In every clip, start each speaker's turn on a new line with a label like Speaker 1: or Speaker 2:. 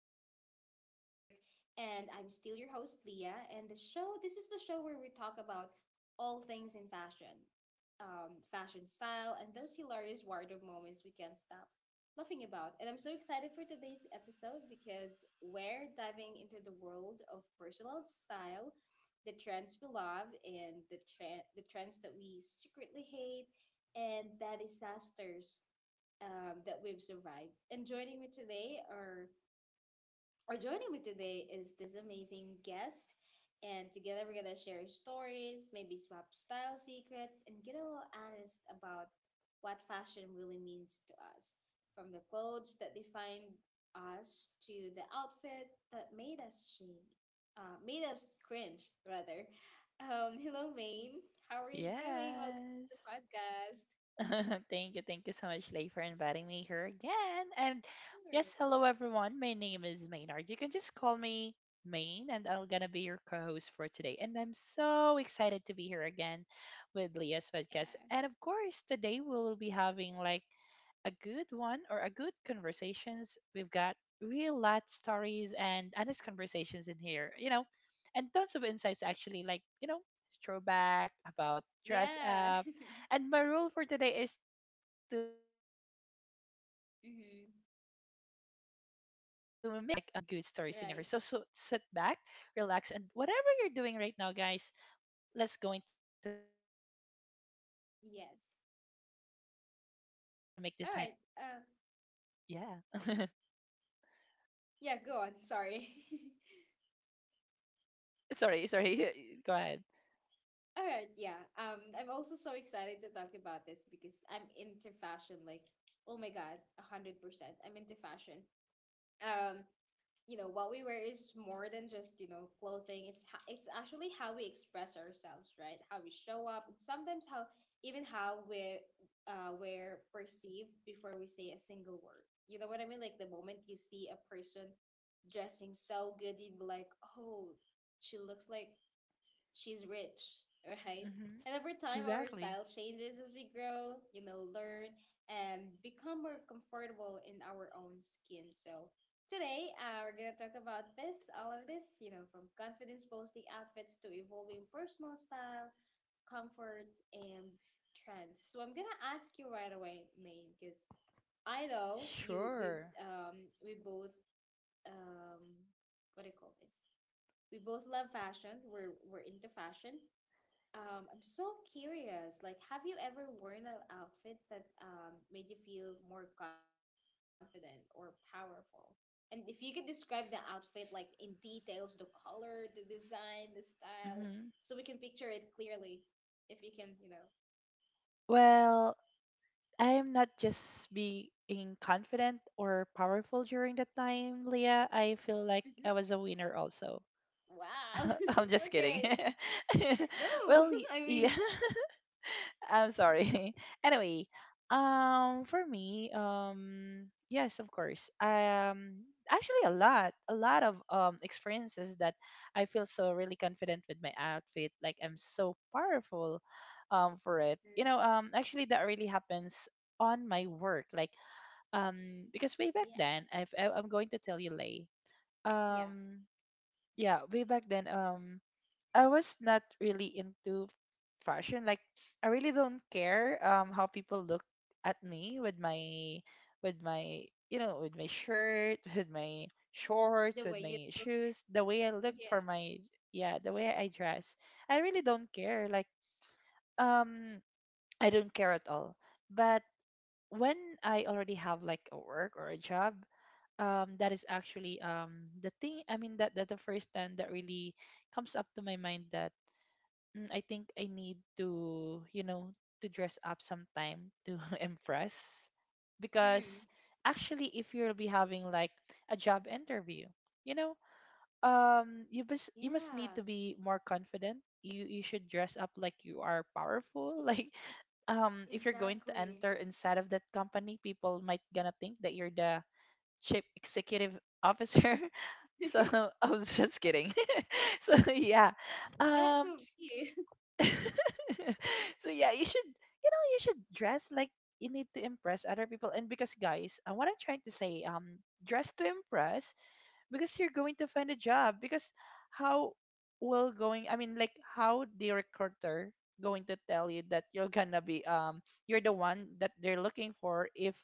Speaker 1: Confidence in Fabric, and I'm still your host, Leah. This is the show where we talk about all things in fashion, fashion style, and those hilarious wardrobe moments we can't stop laughing about. And I'm so excited for today's episode because we're diving into the world of personal style, the trends we love, and the trends that we secretly hate, and the disasters that we've survived. And joining me today is this amazing guest. And together we're gonna share stories, maybe swap style secrets, and get a little honest about what fashion really means to us. From the clothes that define us to the outfit that made us cringe rather. Hello, Maine. How are you doing? Welcome to the
Speaker 2: Yes,
Speaker 1: podcast.
Speaker 2: thank you so much, Lay, for inviting me here again. And
Speaker 1: Sure.
Speaker 2: yes, hello everyone. My name is Maynard. You can just call me Main, and I'm gonna be your co-host for today. And I'm so excited to be here again with Leah's podcast. And of course, today we will be having like a good one or a good conversations. We've got real life stories and honest conversations in here, you know, and tons of insights actually, like, you know, throwback about dress
Speaker 1: Yeah.
Speaker 2: up.
Speaker 1: Yeah.
Speaker 2: And my rule for today is to make you to make you feel that
Speaker 1: Mm-hmm.
Speaker 2: we're really having like good
Speaker 1: Right.
Speaker 2: stories in here. So sit back, relax, and whatever you're doing right now, guys, let's going to make this time worth it.
Speaker 1: Yes.
Speaker 2: Yeah.
Speaker 1: All right. Yeah, go on. Sorry.
Speaker 2: Sorry. Go ahead.
Speaker 1: All right. Yeah. I'm also so excited to talk about this because I'm into fashion. Like, oh my God, 100%. I'm into fashion. Um, you know what we wear is more than just clothing. It's actually how we express ourselves, right? How we show up, and sometimes how, even how we're perceived before we say a single word. You know what I mean? Like the moment you see a person dressing so good, you'd be like, oh, she looks like she's rich, right?
Speaker 2: Mm-hmm.
Speaker 1: And over time, our
Speaker 2: Exactly.
Speaker 1: style changes as we grow, learn and become more comfortable in our own skin. So today, we're gonna talk about this, all of this, you know, from confidence boasting outfits to evolving personal style, comfort, and trends. So I'm gonna ask you right away, Maine, because I know you, we,
Speaker 2: Sure.
Speaker 1: um, we both, um, what do you call this? We both love fashion. We're into fashion. I'm so curious. Like, have you ever worn an outfit that made you feel more confident or powerful? And if you could describe the outfit, like in details, the color, the design, the style,
Speaker 2: Mm-hmm.
Speaker 1: so we can picture it clearly, if you can, you know.
Speaker 2: Well, I am not just being confident or powerful during that time, Leah. I feel like I
Speaker 1: Mm-hmm.
Speaker 2: was a winner also.
Speaker 1: Wow.
Speaker 2: I'm just kidding.
Speaker 1: Okay. No,
Speaker 2: well, y-
Speaker 1: I mean.
Speaker 2: yeah, I'm sorry. Anyway, for me, yes, of course. Actually, a lot of experiences that I feel so really confident with my outfit. Like I'm so powerful, for it.
Speaker 1: Hmm.
Speaker 2: You know, actually, that really happens on my work. Like, because way back
Speaker 1: Yeah.
Speaker 2: then, I'm going to tell you, Lay.
Speaker 1: Yeah.
Speaker 2: Um, yeah, way back then, I was not really into fashion. Like I really don't care how people look at me with my with my you know with my shirt, with my
Speaker 1: The
Speaker 2: shorts,
Speaker 1: way
Speaker 2: with
Speaker 1: you.
Speaker 2: my shoes, the way I look
Speaker 1: Yeah.
Speaker 2: for my yeah, the way I dress. I really don't care. Like um I don't care at all. But when I already have like a work or a job, that is actually the thing I mean that the first time that really comes up to my mind that I think I need to, you know, to dress up sometime to impress.
Speaker 1: Mm.
Speaker 2: Because actually, if you'll be having like a job interview, you know, you must need
Speaker 1: Yeah.
Speaker 2: to be more confident. You should dress up like you are powerful. Like, if you're going to
Speaker 1: Exactly.
Speaker 2: enter inside of that company, people might gonna think that you're the chief executive officer. So I was just kidding. so yeah,
Speaker 1: That
Speaker 2: um,
Speaker 1: could be.
Speaker 2: so yeah, you should you should dress like you need to impress other people. And because guys, what I'm trying to say, dress to impress because you're going to find a job. Because how will going? I mean, like how the recruiter going to tell you that you're gonna be you're the one that they're looking for if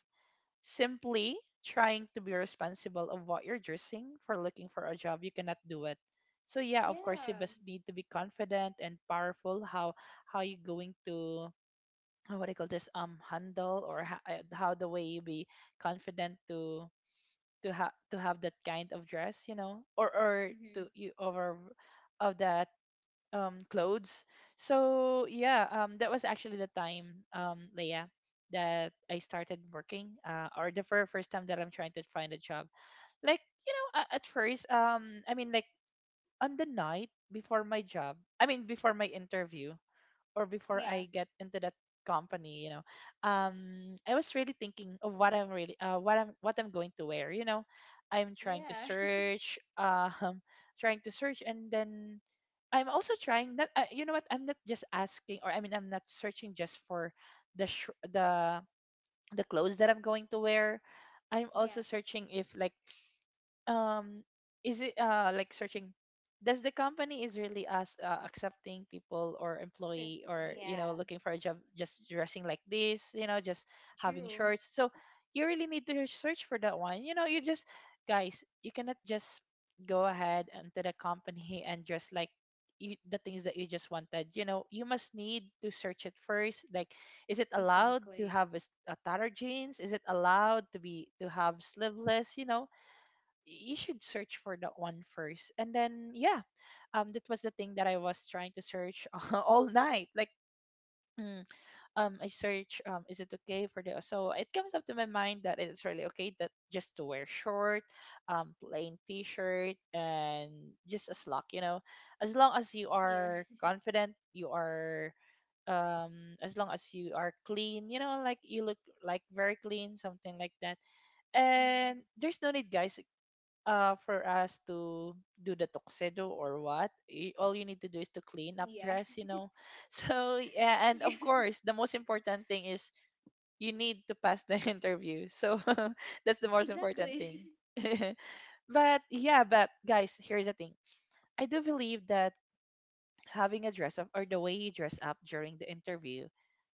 Speaker 2: simply trying to be responsible of what you're dressing for looking for a job, you cannot do it. So yeah, of course you
Speaker 1: Yeah.
Speaker 2: just need to be confident and powerful how you going to what do you call this handle or how the way you be confident to to have that kind of dress, you know, or
Speaker 1: Hmm.
Speaker 2: to you over of that clothes. So yeah, that was actually the time Leia that I started working or the very first time that I'm trying to find a job. Like, you know, at first I mean like on the night before my job, I mean before my interview, or before
Speaker 1: Yeah.
Speaker 2: I get into that company, you know, I was really thinking of what I'm really, what I'm going to wear. You know, I'm trying to
Speaker 1: Yeah.
Speaker 2: search, trying to search, and then I'm also trying not. You know what? I'm not just asking, or I mean, I'm not searching just for the sh- the the clothes that I'm going to wear. I'm
Speaker 1: Yeah.
Speaker 2: also searching if like um is it like searching does the company is really us accepting people or employee
Speaker 1: This,
Speaker 2: or you know
Speaker 1: yeah.
Speaker 2: looking for a job just dressing like this, you know, just having
Speaker 1: True.
Speaker 2: shorts. So you really need to search for that one, you know. You just guys, you cannot just go ahead into the company and dress like you, the things that you just wanted, you know. You must need to search it first. Like is it allowed to
Speaker 1: Exactly.
Speaker 2: have a tattered jeans, is it allowed to have sleeveless, you know, you should search for that one first. And then yeah, that was the thing that I was trying to search all night. Like mm, I search is it okay for the, so it comes up to my mind that it's really okay that just to wear short plain t-shirt and just a slack, you know, as long as you
Speaker 1: Yeah.
Speaker 2: are confident, you are as long as you are clean, you know, like you look like very clean, something like that. And
Speaker 1: Mm.
Speaker 2: there's no need, guys, for us to do the tuxedo or what. All you need to do is to clean up
Speaker 1: Yeah.
Speaker 2: dress, you know. So yeah, and
Speaker 1: Yeah.
Speaker 2: of course, the most important thing is you need to pass the interview. So that's the most important
Speaker 1: Exactly.
Speaker 2: thing. but yeah, but guys, here's the thing. I do believe that having a dress up or the way you dress up during the interview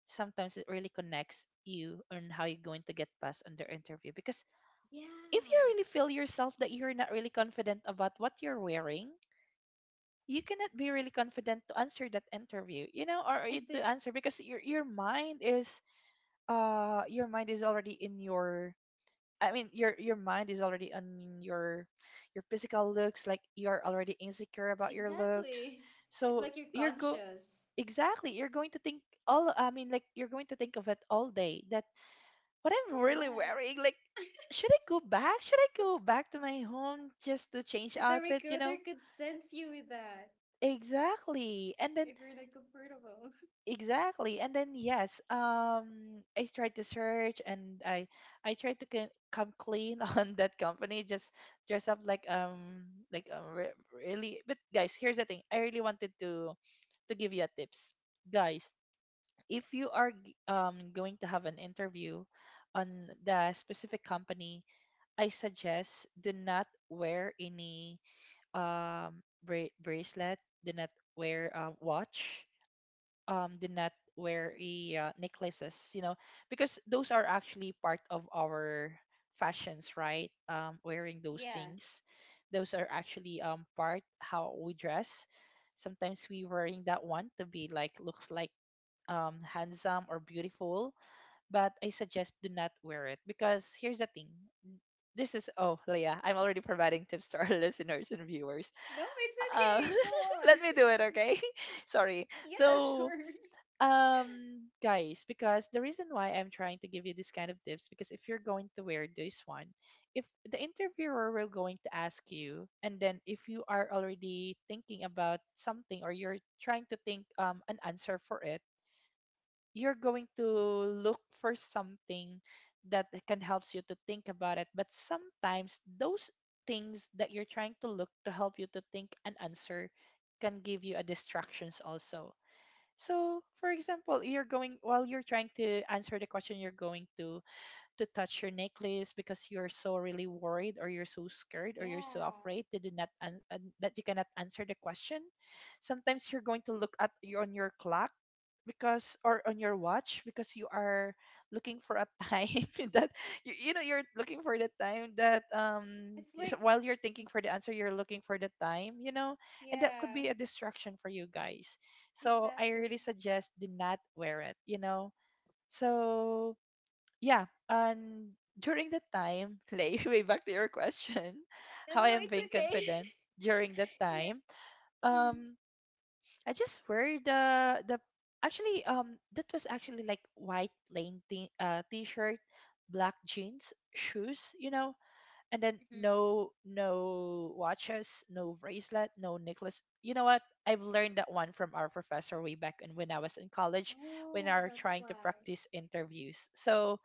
Speaker 2: sometimes it really connects you on how you're going to get passed on the interview. Because
Speaker 1: Yeah.
Speaker 2: if you really feel yourself that you're not really confident about what you're wearing, you cannot be really confident to answer that interview, you know, or
Speaker 1: At
Speaker 2: it to
Speaker 1: the
Speaker 2: answer because your mind is your mind is already in your I mean your mind is already on your physical looks, like you're already insecure about your looks.
Speaker 1: exactly. It's
Speaker 2: So
Speaker 1: like you're
Speaker 2: you're go
Speaker 1: conscious.
Speaker 2: exactly, you're going to think all I mean like you're going to think of it all day that what I'm really
Speaker 1: Right.
Speaker 2: wearing. Like, should I go back? Should I go back to my home just to change
Speaker 1: And the
Speaker 2: outfits? You
Speaker 1: recruiter
Speaker 2: know,
Speaker 1: could sense you with that,
Speaker 2: exactly. And then
Speaker 1: if you're not comfortable.
Speaker 2: exactly. And then yes, I tried to search and I tried to come clean on that company. Just dress up like really. But guys, here's the thing. I really wanted to give you a tips, guys. If you are going to have an interview on the specific company, I suggest do not wear any bracelet, do not wear a watch, do not wear a necklaces, you know, because those are actually part of our fashions, right? Wearing those
Speaker 1: Yeah.
Speaker 2: things. Those are actually part how we dress. Sometimes we wearing that one to be like looks like handsome or beautiful, but I suggest do not wear it because here's the thing. This is oh Leah, I'm already providing tips to our listeners and viewers.
Speaker 1: No, it's okay.
Speaker 2: Uh,
Speaker 1: Go on.
Speaker 2: let me do it, okay? Sorry.
Speaker 1: Yeah, sure.
Speaker 2: So, guys, because the reason why I'm trying to give you this kind of tips, because if you're going to wear this one, if the interviewer will going to ask you, and then if you are already thinking about something or you're trying to think an answer for it, you're going to look for something that can helps you to think about it. But sometimes those things that you're trying to look to help you to think an answer can give you a distractions also. So for example, you're going while you're trying to answer the question, you're going to touch your necklace because you're so really worried or you're so scared or you're so
Speaker 1: Yeah.
Speaker 2: afraid that you not an- an- that you cannot answer the question. Sometimes you're going to look at you on your clock because or on your watch because you are looking for a time that you know you're looking for the time that
Speaker 1: It's
Speaker 2: so
Speaker 1: like,
Speaker 2: while you're thinking for the answer you're looking for the time, you know. And that could
Speaker 1: yeah,
Speaker 2: be a distraction for you, guys. So I
Speaker 1: exactly.
Speaker 2: really suggest do not wear it, you know. So yeah, and during that time, Lay, way back to your question,
Speaker 1: No,
Speaker 2: how I
Speaker 1: no,
Speaker 2: am
Speaker 1: it's
Speaker 2: being
Speaker 1: okay.
Speaker 2: confident during that
Speaker 1: Yeah.
Speaker 2: time.
Speaker 1: Mhm.
Speaker 2: Um, I just wear the actually that was actually like white plain t-shirt, black jeans, shoes, you know, and then
Speaker 1: Mhm.
Speaker 2: no watches, no bracelet, no necklace. You know what, I've learned that one from our professor way back and when I was in college, when
Speaker 1: Oh,
Speaker 2: I were
Speaker 1: that's
Speaker 2: trying to
Speaker 1: why.
Speaker 2: practice interviews. So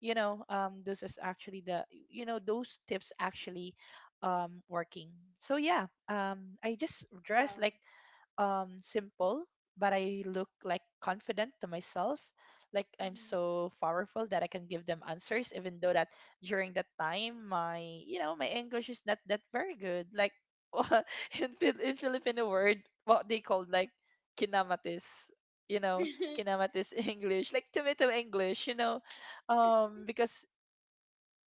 Speaker 2: those is actually the, you know, those tips actually working. So yeah, I just dress
Speaker 1: Well,
Speaker 2: like simple, but I look like confident to myself. Like I'm
Speaker 1: mhm.
Speaker 2: so powerful that I can give them answers, even though that during that time my, you know, my English is not that very good. Like in Filipino word, what they call like kinamatis. You know, kinamatis English, like tomato English. You know, because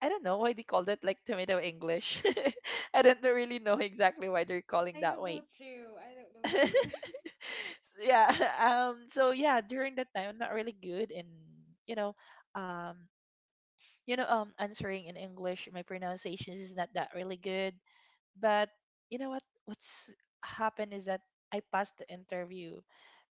Speaker 2: I don't know why they called it like tomato English. I don't really know exactly why they're calling
Speaker 1: I
Speaker 2: that
Speaker 1: don't know
Speaker 2: way.
Speaker 1: too. I don't know too.
Speaker 2: Yeah, so yeah, during that time I'm not really good in, you know, um you know, answering in English. My pronunciations is not that really good, but you know what, what's happened is that I passed the interview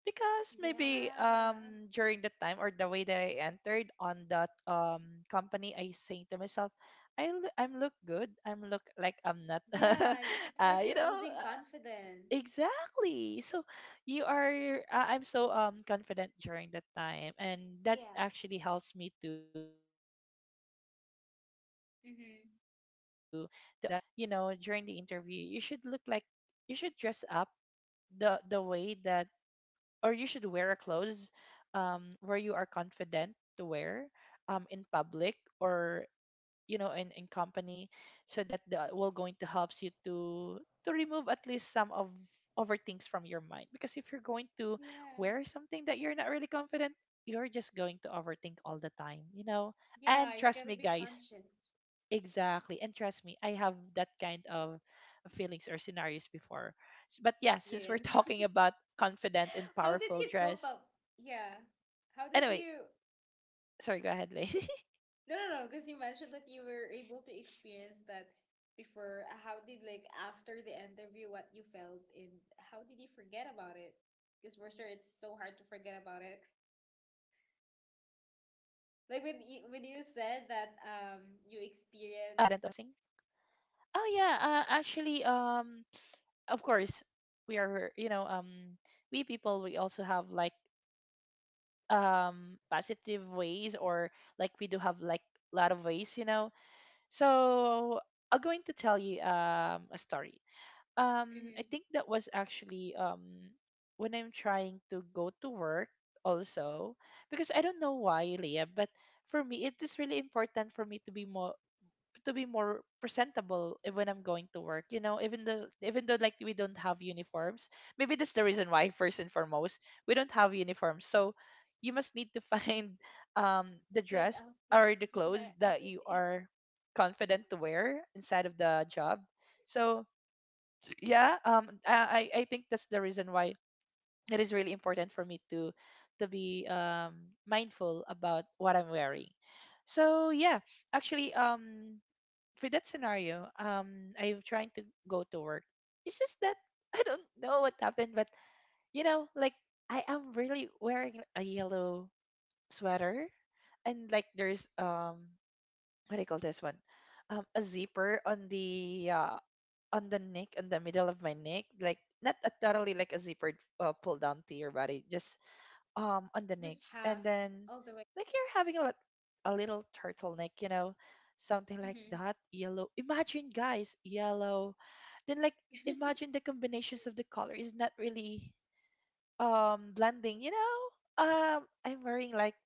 Speaker 2: because maybe
Speaker 1: Yeah.
Speaker 2: during the time or the way that I entered on that company, I saying to myself, I'm look good, I'm look like I'm not
Speaker 1: Yeah, it's like you're losing confidence.
Speaker 2: exactly. So you are I'm so confident during that time, and that
Speaker 1: Yeah.
Speaker 2: actually helps me to answer my questions. So this is what I'm trying to
Speaker 1: Mm-hmm.
Speaker 2: say guys, that you know, during the interview you should look like, you should dress up the way that, or you should wear a clothes where you are confident to wear in public, or you know, in company, so that the will going to helps you to remove at least some of over things from your mind. Because if you're going to
Speaker 1: Yeah.
Speaker 2: wear something that you're not really confident, you're just going to overthink all the time, you know.
Speaker 1: Yeah,
Speaker 2: And
Speaker 1: you
Speaker 2: trust
Speaker 1: gotta
Speaker 2: me
Speaker 1: be
Speaker 2: guys,
Speaker 1: conscious.
Speaker 2: exactly, and trust me, I have that kind of feelings or scenarios before. But yeah, since we're
Speaker 1: Experience.
Speaker 2: talking about confident and
Speaker 1: How did
Speaker 2: powerful
Speaker 1: you cope
Speaker 2: dress,
Speaker 1: up? Yeah. How did
Speaker 2: anyway,
Speaker 1: you.
Speaker 2: sorry, go ahead, Lay.
Speaker 1: No, no, no, because you mentioned that you were able to experience that before. How did, like, after the interview, what you felt and how did you forget about it? Because for sure, it's so hard to forget about it.
Speaker 2: You mean those
Speaker 1: Like,
Speaker 2: scenarios
Speaker 1: when
Speaker 2: or
Speaker 1: you
Speaker 2: feelings that
Speaker 1: said
Speaker 2: I
Speaker 1: that
Speaker 2: am not very
Speaker 1: you
Speaker 2: confident of what I'm
Speaker 1: experience.
Speaker 2: dressing? Oh yeah, actually, of course, we are, you know, we people, we also have like positive ways, or like we do have like a lot of ways, you know. So I'm going to tell you a story. I think
Speaker 1: Mm-hmm.
Speaker 2: that was actually when I'm trying to go to work also, because I don't know why, Leah, but for me it is really important for me to be more, to be more presentable when I'm going to work. You know, even though, like we don't have uniforms, maybe that's the reason why. First and foremost, we don't have uniforms. So you must need to find
Speaker 1: A
Speaker 2: the
Speaker 1: good
Speaker 2: dress
Speaker 1: outfit.
Speaker 2: or the clothes
Speaker 1: Yeah,
Speaker 2: that you
Speaker 1: everything.
Speaker 2: are confident to wear inside of the job. So yeah, I I think that's the reason why it is really important for me to be mindful about what I'm wearing. So yeah, actually for that scenario I'm trying to go to work. It's just that I don't know what happened, but you know like I am really wearing a yellow sweater, and like there's what do you call this one, a zipper on the neck, on the middle of my neck, like not a, totally like a zipper, pull down to your body, just on the
Speaker 1: Just
Speaker 2: neck,
Speaker 1: half
Speaker 2: and then
Speaker 1: all the way.
Speaker 2: like you're having a a little turtleneck, you know, something like
Speaker 1: Mm-hmm.
Speaker 2: that, yellow. Imagine guys, yellow. Then like imagine the combinations of the color is not really blending, you know. I'm wearing like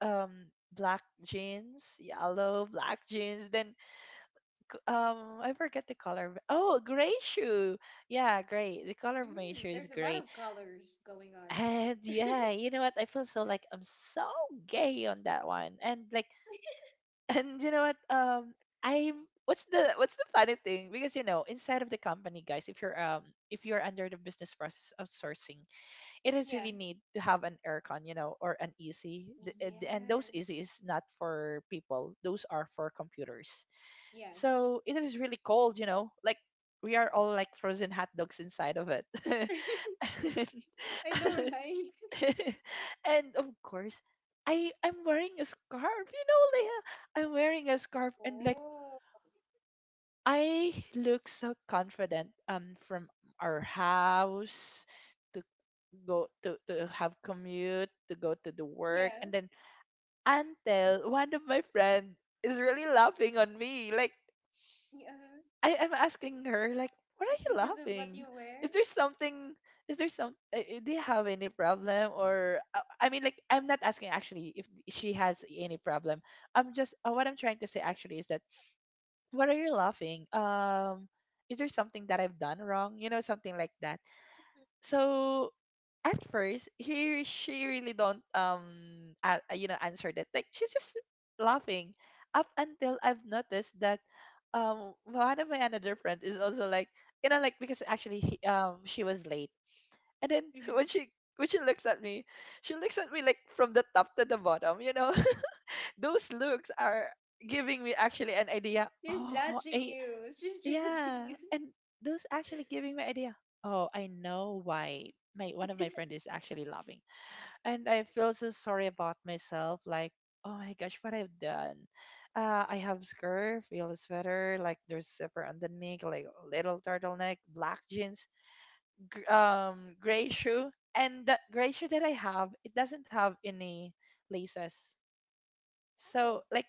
Speaker 2: black jeans, yellow black jeans, then I forget the color. Oh, gray shoe. Yeah, gray. The color of my shoe
Speaker 1: Mm,
Speaker 2: is
Speaker 1: there's a lot
Speaker 2: gray.
Speaker 1: of colors going on.
Speaker 2: And yeah, you know what? I feel so like I'm so gay on that one. And like and you know what? I'm, what's the, what's the funny thing? Because you know, inside of the company, guys, if you're under the business process outsourcing, it is
Speaker 1: Yeah.
Speaker 2: really need to have an aircon, you know, or an easy. And those
Speaker 1: Yes.
Speaker 2: easy is not for people. Those are for computers.
Speaker 1: Yes.
Speaker 2: So it is really cold, you know. Like we are all like frozen hot dogs inside of it. And
Speaker 1: I know, right?
Speaker 2: and of course, I'm wearing a scarf, you know, Leah. I'm wearing a scarf and like
Speaker 1: Oh,
Speaker 2: I look so confident from our house to go to have commute to go to the work.
Speaker 1: yeah,
Speaker 2: And then until one of my friends is really laughing on me, like
Speaker 1: yeah.
Speaker 2: I am asking her like, "What are
Speaker 1: It's
Speaker 2: you
Speaker 1: because of what
Speaker 2: laughing?
Speaker 1: you
Speaker 2: Is
Speaker 1: wear.
Speaker 2: there something? Is there some? Do you have any problem?" Or I mean, like, I'm not asking actually if she has any problem. I'm just what I'm trying to say actually is that, "What are you laughing? Is there something that I've done wrong? You know, something like that." So at first he, she really don't you know, answer that, like she's just laughing, up until I've noticed that one of my another friend is also like, you know, like because actually he, she was late, and then when
Speaker 1: Hmm.
Speaker 2: she, when she looks at me, she looks at me like from the top to the bottom, you know. Those looks are giving me actually an idea.
Speaker 1: She's
Speaker 2: Oh
Speaker 1: judging
Speaker 2: I,
Speaker 1: you. She's judging
Speaker 2: yeah,
Speaker 1: you.
Speaker 2: and those actually giving me idea, oh I know why my, one of my friend is actually laughing, and I feel so sorry about myself. Like, oh my gosh, what I've done. I have scarf, yellow sweater, like there's zipper on the neck, like little turtleneck, black jeans, gray shoe, and that gray shoe that I have, it doesn't have any laces. So
Speaker 1: Oh,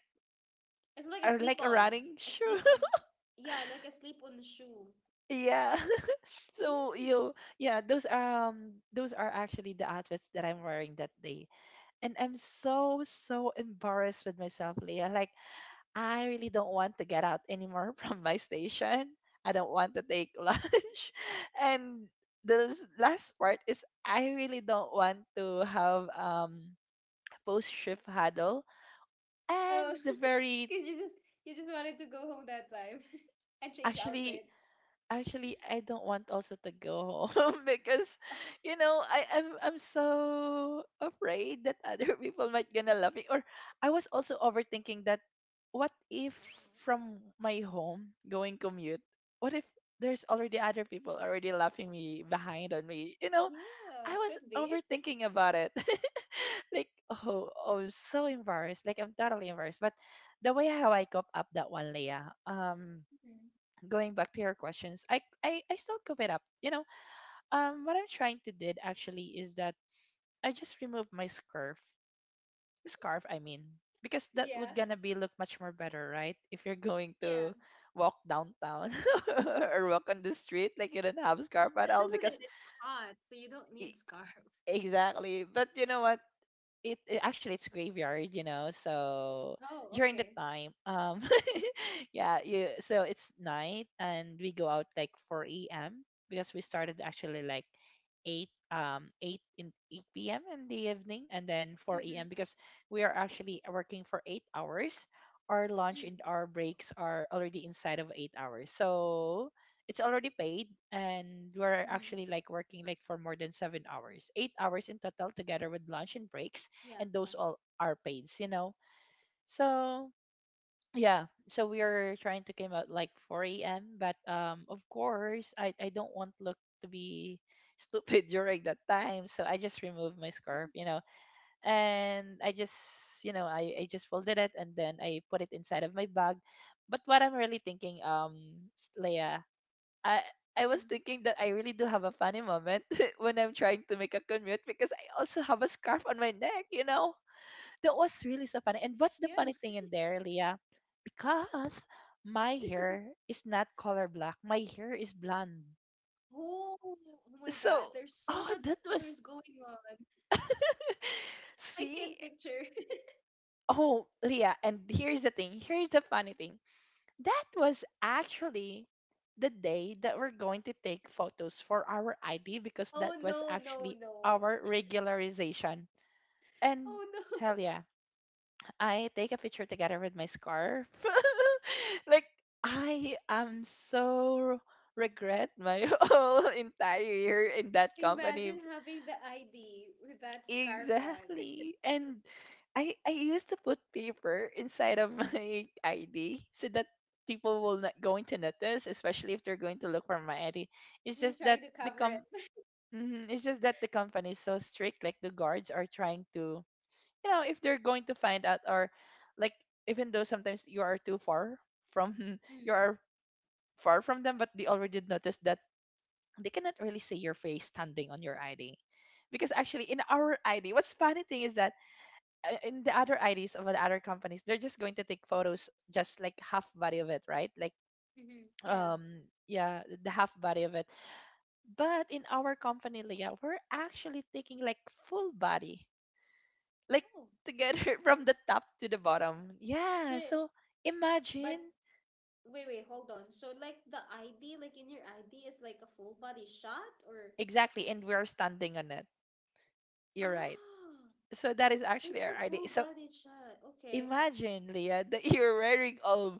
Speaker 1: it's like a slip
Speaker 2: like a
Speaker 1: on.
Speaker 2: running
Speaker 1: A
Speaker 2: shoe.
Speaker 1: slip on. Yeah, like a slip on shoe.
Speaker 2: Yeah. So
Speaker 1: Mm.
Speaker 2: you, yeah, those are actually the outfits that I'm wearing that day, and I'm so so embarrassed with myself, Leah. Like I really don't want to get out anymore from my station. I don't want to take lunch. And the last part is I really don't want to have post shift huddle. And
Speaker 1: Oh,
Speaker 2: the very,
Speaker 1: because you just, you just wanted to go home that time and change
Speaker 2: actually
Speaker 1: outfit.
Speaker 2: actually I don't want also to go home because
Speaker 1: Oh,
Speaker 2: you know I'm so afraid that other people might gonna love me, or I was also overthinking that, what if from my home going commute, what if there's already other people already laughing me behind on me, you know. I
Speaker 1: yeah,
Speaker 2: was
Speaker 1: could be.
Speaker 2: overthinking about it like, oh, oh I'm so embarrassed, like I'm totally embarrassed. But the way how I cope up that one, Leah,
Speaker 1: Mhm.
Speaker 2: going back to your questions, I still cover it up. You know, what I'm trying to did actually is that I just removed my scarf. I mean, because that would
Speaker 1: Yeah.
Speaker 2: gonna be look much more better, right? If you're going
Speaker 1: Yeah,
Speaker 2: to walk downtown or walk on the street, like you don't have a scarf at all.
Speaker 1: especially
Speaker 2: Because
Speaker 1: that it's hot, so you don't need
Speaker 2: e-
Speaker 1: scarf.
Speaker 2: exactly. But you know what? It actually it's graveyard, you know. So
Speaker 1: Oh,
Speaker 2: during the
Speaker 1: okay.
Speaker 2: time, yeah, you, so it's night and we go out like 4 a.m. because we started actually like 8 in 8 p.m. in the evening and then 4 a.m.
Speaker 1: Mm-hmm.
Speaker 2: because we are actually working for 8 hours. Our lunch and our breaks are already inside of 8 hours. So it's already paid, and we're
Speaker 1: Mm-hmm.
Speaker 2: actually like working like for more than 7 hours. 8 hours in total together with lunch and breaks,
Speaker 1: Yeah.
Speaker 2: and those all are paid, you know. So yeah, so we are trying to came out like 4 a.m. but of course I don't want look to be stupid during that time. So I just removed my scarf, you know, and I just, you know, I just folded it and then I put it inside of my bag. But what I'm really thinking, Leia, i I
Speaker 1: Mm-hmm.
Speaker 2: was thinking that I really do have a funny moment when I'm trying to make a commute, because I also have a scarf on my neck, you know? That was really so funny.
Speaker 1: Yeah.
Speaker 2: And what's the funny thing in there, Leah? Because my hair is not color black. My hair is blonde.
Speaker 1: Oh, oh my God.
Speaker 2: So,
Speaker 1: There's so much
Speaker 2: oh, that
Speaker 1: colors
Speaker 2: was.
Speaker 1: going on. I
Speaker 2: See?
Speaker 1: can't picture.
Speaker 2: Oh, Leah, and here's the thing. Here's the funny thing. That was actually the day that we're going to take photos for our ID, because that
Speaker 1: Oh
Speaker 2: was
Speaker 1: no, no,
Speaker 2: actually
Speaker 1: no.
Speaker 2: our regularization. And
Speaker 1: Oh no.
Speaker 2: hell yeah. I take a picture together with my scarf. Like I am so regret my whole entire year in that company.
Speaker 1: Imagine having the ID with that scarf on.
Speaker 2: Exactly. And I used to put paper inside of my ID so that people will not going to notice, especially if they're going to look for my ID. It's
Speaker 1: You're
Speaker 2: just that
Speaker 1: trying to cover it.
Speaker 2: it's just that the company is so strict, like the guards are trying to, you know, if they're going to find out, or like, even though sometimes you are too far from you are far from them, but they already noticed that they cannot really see your face standing on your ID. Because actually, in our ID, what's funny thing is that in the other IDs of the other companies, they're just going to take photos, just like half body of it, right? Like,
Speaker 1: Mm-hmm. Yeah.
Speaker 2: um, yeah, the half body of it. But in our company, Leah, we're actually taking like full body, like
Speaker 1: Oh.
Speaker 2: together from the top to the bottom. Yeah.
Speaker 1: But,
Speaker 2: So
Speaker 1: but
Speaker 2: imagine.
Speaker 1: wait, wait, hold on. So like the ID, like in your ID is like a full body shot or
Speaker 2: Exactly, and we are standing on it. You're right.
Speaker 1: ah,
Speaker 2: So that is actually
Speaker 1: it's
Speaker 2: our
Speaker 1: a full
Speaker 2: idea. So
Speaker 1: body shot. Okay.
Speaker 2: imagine, Leah, that you're wearing all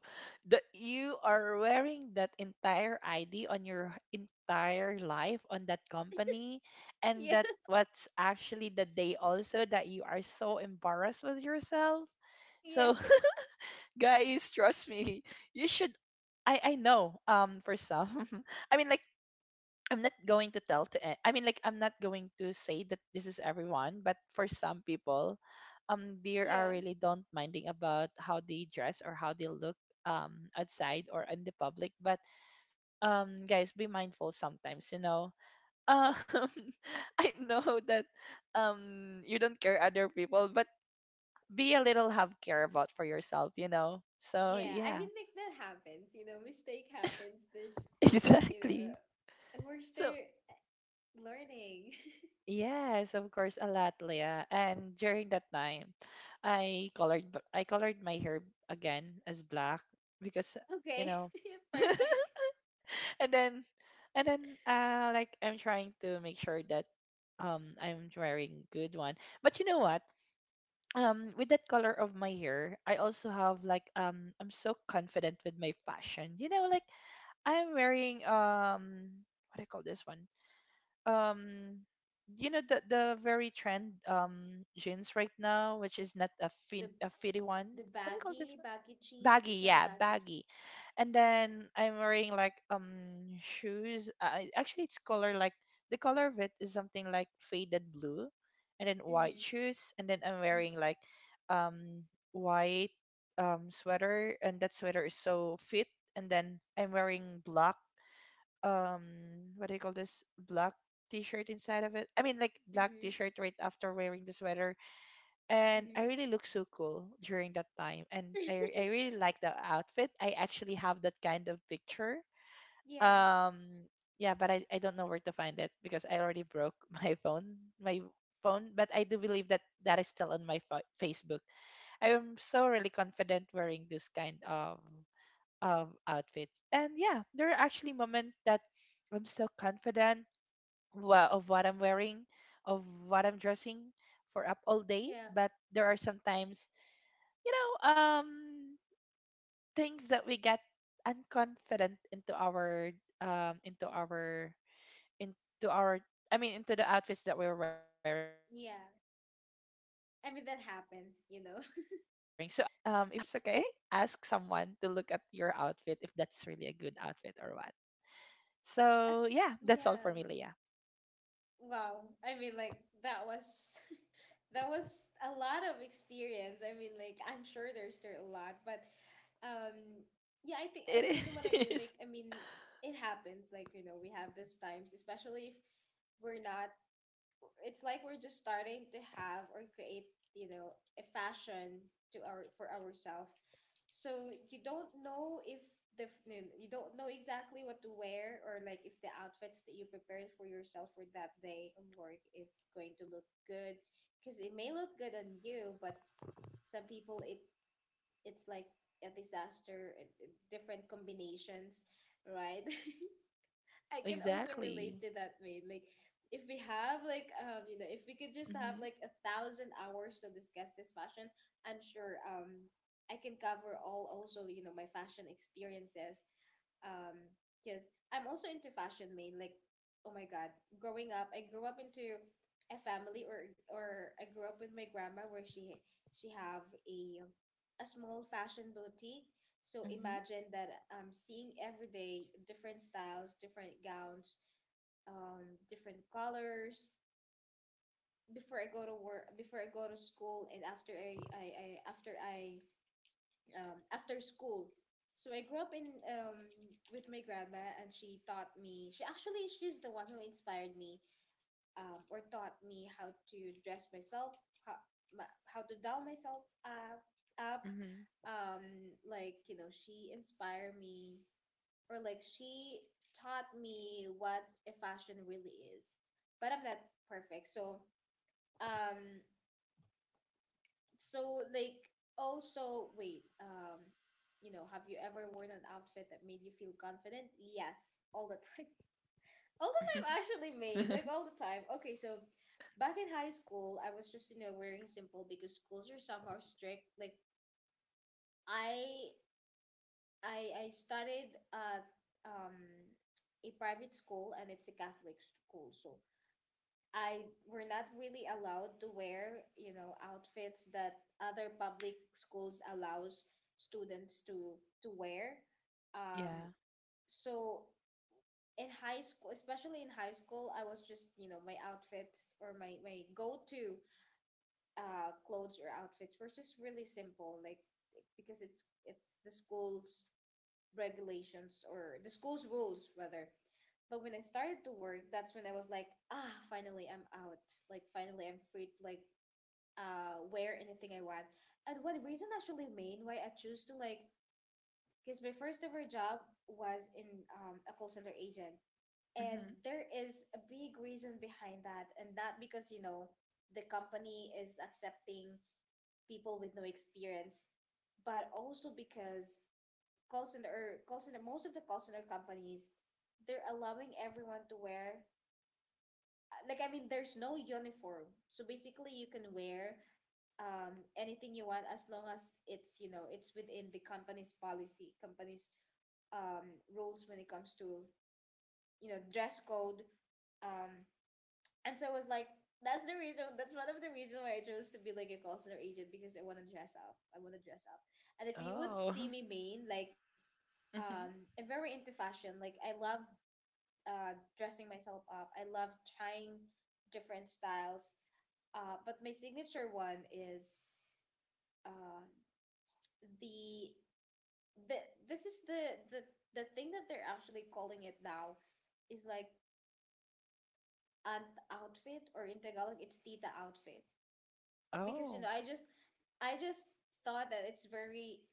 Speaker 2: that you are wearing that entire ID on your entire life on that company, and
Speaker 1: Yeah,
Speaker 2: that what's actually the day also that you are so embarrassed with yourself.
Speaker 1: yeah,
Speaker 2: So guys, trust me, you should. I know, for some, I mean, like, I'm not going to tell to I mean, like, I'm not going to say that this is everyone, but for some people,
Speaker 1: yeah.
Speaker 2: they are really don't minding about how they dress or how they look, outside or in the public. But, guys, be mindful sometimes, you know. um I know that, you don't care other people, but be a little, have care about for yourself, you know. So
Speaker 1: Yeah, I
Speaker 2: yeah.
Speaker 1: mean, like that happens, you know, mistake happens. There's, you know,
Speaker 2: Exactly.
Speaker 1: and we're still
Speaker 2: So,
Speaker 1: learning.
Speaker 2: yes, of course, a lot, Leah. And during that time, I colored my hair again as black because, you
Speaker 1: Okay.
Speaker 2: know,
Speaker 1: Perfect.
Speaker 2: and then, and then like, I'm trying to make sure that, I'm wearing good one. But you know what? With that color of my hair, I also have like, I'm so confident with my fashion. You know, like, I'm wearing, what do you call this one? um you know, the very trend, jeans right now, which is not a
Speaker 1: The
Speaker 2: fin a fitty one.
Speaker 1: the
Speaker 2: What do you call this
Speaker 1: baggy
Speaker 2: one?
Speaker 1: baggy jeans, is
Speaker 2: Baggy.
Speaker 1: that a
Speaker 2: Yeah,
Speaker 1: baggy?
Speaker 2: baggy. And then I'm wearing like, shoes. Actually, it's color like, the color of it is something like faded blue, and then white
Speaker 1: Mm-hmm,
Speaker 2: shoes, and then I'm wearing like, um white, sweater, and that sweater is so fit. And then I'm wearing black, um what do you call this? Black t-shirt inside of it. I mean, like, black
Speaker 1: mm-hmm,
Speaker 2: t-shirt right after wearing the sweater. And I
Speaker 1: mm-hmm.
Speaker 2: really look so cool during that time. And I really like the outfit. I actually have that kind of picture.
Speaker 1: Yeah,
Speaker 2: um yeah, but I don't know where to find it because I already broke my phone my phone. But I do believe that that is still on my Facebook. I am so really confident wearing this kind of, outfits. And yeah, there are actually moments that I'm so confident of what I'm wearing, of what I'm dressing for up all day.
Speaker 1: yeah,
Speaker 2: But there are sometimes, you know, things that we get unconfident into our, um into our into our I mean, into the outfits that we're wearing. So I
Speaker 1: yeah.
Speaker 2: suggest, before you're going to come
Speaker 1: I
Speaker 2: out,
Speaker 1: mean, that happens, you know.
Speaker 2: if you don't have mirrors, okay, ask someone to look at your outfit if that's really a good outfit or what. So
Speaker 1: Uh,
Speaker 2: yeah, that's all for me,
Speaker 1: yeah,
Speaker 2: Leah.
Speaker 1: wow, I mean, like that was that was a lot of experience. I mean, like I'm sure there's there a
Speaker 2: It
Speaker 1: lot, but
Speaker 2: is.
Speaker 1: um, yeah, I think I, you know what I mean. Like, I mean, it happens. Like, you know, we have these times, especially if we're not, it's like we're just starting to have or create, you know, a fashion to our, for ourselves, so you don't know if you don't know exactly what to wear, or like if the outfits that you prepared for yourself for that day of work is going to look good, because it may look good on you but some people it, it's like a disaster. Different combinations, right? I can also relate
Speaker 2: Exactly.
Speaker 1: to that, mate. Like, if we have like you know, if we could just have
Speaker 2: Mhm.
Speaker 1: like a thousand hours to discuss this fashion, I'm sure I can cover all also, you know, my fashion experiences. Um, because I'm also into fashion, mate. Like, oh my God, growing up, I grew up into a family, or I grew up with my grandma, where she have a small fashion boutique, so
Speaker 2: Mhm.
Speaker 1: imagine that I'm seeing every day different styles, different gowns, different colors before I go to work, before I go to school, and after I after I, after school. So I grew up in with my grandma, and she taught me. She actually, she's the one who inspired me, or taught me how to dress myself, how, how to doll myself up, up.
Speaker 2: Mhm.
Speaker 1: Like you know, she inspired me, or like she taught me what a fashion really is. But I'm not perfect. So um so like, also wait, you know, have you ever worn an outfit that made you feel confident? Yes, all the time. All the time, actually made, like all the time. Okay, so back in high school, I was just, you know, wearing simple because schools are somehow strict. Like, I I studied at um a private school, and it's a Catholic school, so I were not really allowed to wear, you know, outfits that other public schools allows students to wear.
Speaker 2: Yeah.
Speaker 1: Um, so in high school, especially in high school, I was just, you know, my outfits or my go-to clothes or outfits were just really simple, like, because it's the school's regulations, or the school's rules rather. But when I started to work, that's when I was like, ah, finally I'm out. Like finally I'm free to like wear anything I want. And one reason actually, main, why I choose to, like, because my first ever job was in, a call center agent. And
Speaker 2: Mhm.
Speaker 1: there is a big reason behind that, and that because, you know, the company is accepting people with no experience, but also because call center, or call center, most of the call center companies, they're allowing everyone to wear, like I mean there's no uniform. So basically you can wear anything you want, as long as it's, you know, it's within the company's policy, company's rules when it comes to, you know, dress code. Um and so I was like, that's the reason, that's one of the reasons why I chose to be like a call center agent, because I want to dress up. I want to dress up. And if you would
Speaker 2: Oh.
Speaker 1: see me, main, like
Speaker 2: Mhm.
Speaker 1: I'm very into fashion. Like I love dressing myself up. I love trying different styles, but my signature one is, uh, the the this is the, the thing that they're actually calling it now is like aunt outfit, or in Tagalog it's tita outfit. Because
Speaker 2: Oh.
Speaker 1: you know, I just, I just thought that it's very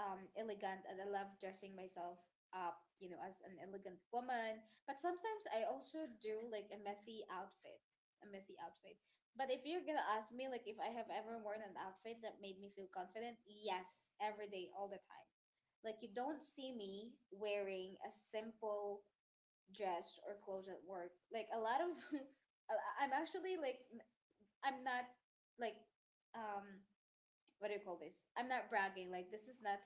Speaker 1: elegant, and I love dressing myself up, you know, as an elegant woman. But sometimes I also do like a messy outfit, a messy outfit. But if you're gonna ask me like if I have ever worn an outfit that made me feel confident, yes, every day, all the time. Like you don't see me wearing a simple dress or clothes at work, like a lot of I'm actually like n- I'm not like um what do you call this? I'm not bragging. Like this is not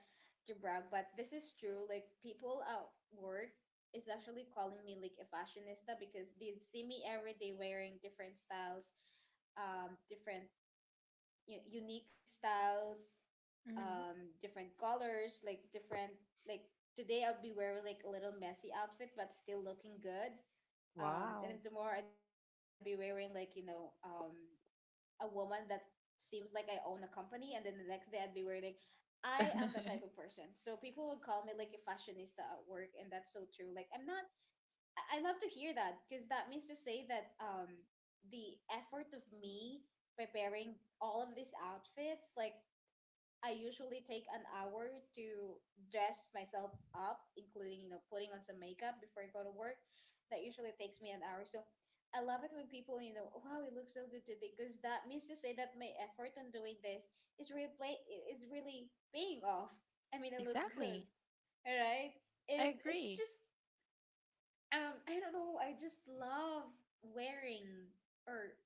Speaker 1: to brag, but this is true. Like people at work is actually calling me like a fashionista because they see me every day wearing different styles, different unique styles,
Speaker 2: Mhm.
Speaker 1: different colors, like different like today I'll be wearing like a little messy outfit but still looking good. And
Speaker 2: Wow.
Speaker 1: then tomorrow I'd be wearing like a woman that seems like I own a company, and then the next day I'd be wearing like, I am the type of person. So people would call me like a fashionista at work, and that's so true. Like I'm not. I love to hear that because that means to say that the effort of me preparing all of these outfits, like I usually take an hour to dress myself up, including, putting on some makeup before I go to work. That usually takes me an hour. So I love it when people, you know, wow, it looks so good today, because that means to say that my effort on doing this is really play is really paying off. I mean, I look good,
Speaker 2: Exactly.
Speaker 1: all right?
Speaker 2: I
Speaker 1: And it's
Speaker 2: agree.
Speaker 1: just, I don't know, I just love wearing or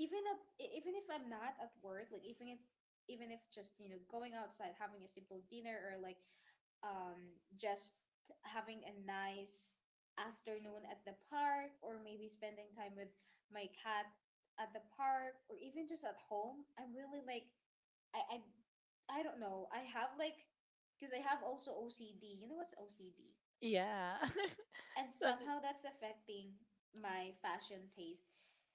Speaker 1: even if even if I'm not at work, like even if just going outside, having a simple dinner, or like just having a nice afternoon at the park, or maybe spending time with my cat at the park, or even just at home, I'm really like I don't know. I have like because I have also OCD. You know what's OCD?
Speaker 2: Yeah.
Speaker 1: And
Speaker 2: Some-
Speaker 1: somehow that's affecting my fashion taste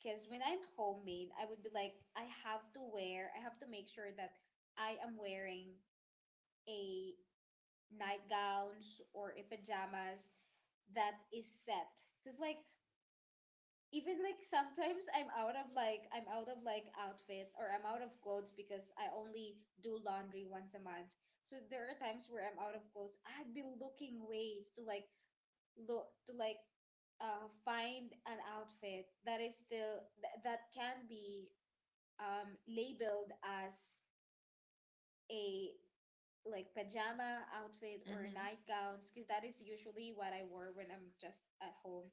Speaker 1: because when I'm homemade I would be like I have to make sure that I am wearing a nightgowns or a pajamas that is set because like even like sometimes I'm out of like outfits or I'm out of clothes because I only do laundry once a month. So there are times where I'm out of clothes I'd be looking ways to like find an outfit that is still that can be labeled as a like pajama outfit or
Speaker 2: Mhm.
Speaker 1: nightgowns because that is usually what I wore when I'm just at home.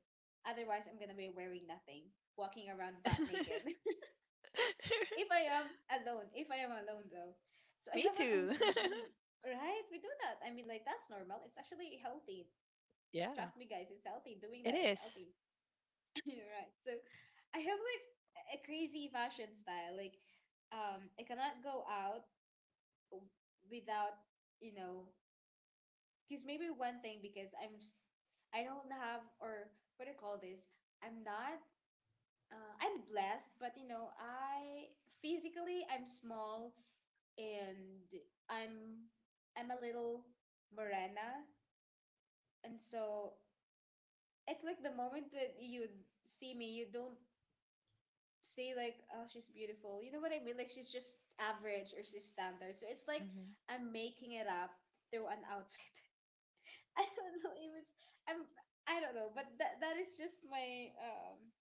Speaker 1: Otherwise, I'm gonna be wearing nothing, walking around butt naked. If I am alone, if I am alone though, so I
Speaker 2: Me
Speaker 1: have an
Speaker 2: too.
Speaker 1: OCD, right? We do that. I mean, like that's normal. It's actually healthy.
Speaker 2: Yeah,
Speaker 1: Trust me, guys. It's healthy. Doing
Speaker 2: it
Speaker 1: that is
Speaker 2: is.
Speaker 1: healthy. You're right. So I have like a crazy fashion style. Like, I cannot go out w- without, you know, because maybe one thing because I don't have or what do you call this? I'm not. I'm blessed, but you know, I physically I'm small and I'm I'm a little morena, and so it's like the moment that you see me, you don't say like, oh, she's beautiful. You know what I mean? Like she's just average or she's standard. So it's like
Speaker 2: Mhm.
Speaker 1: I'm making it up through an outfit. I don't know if it's I'm I don't know, but that is just my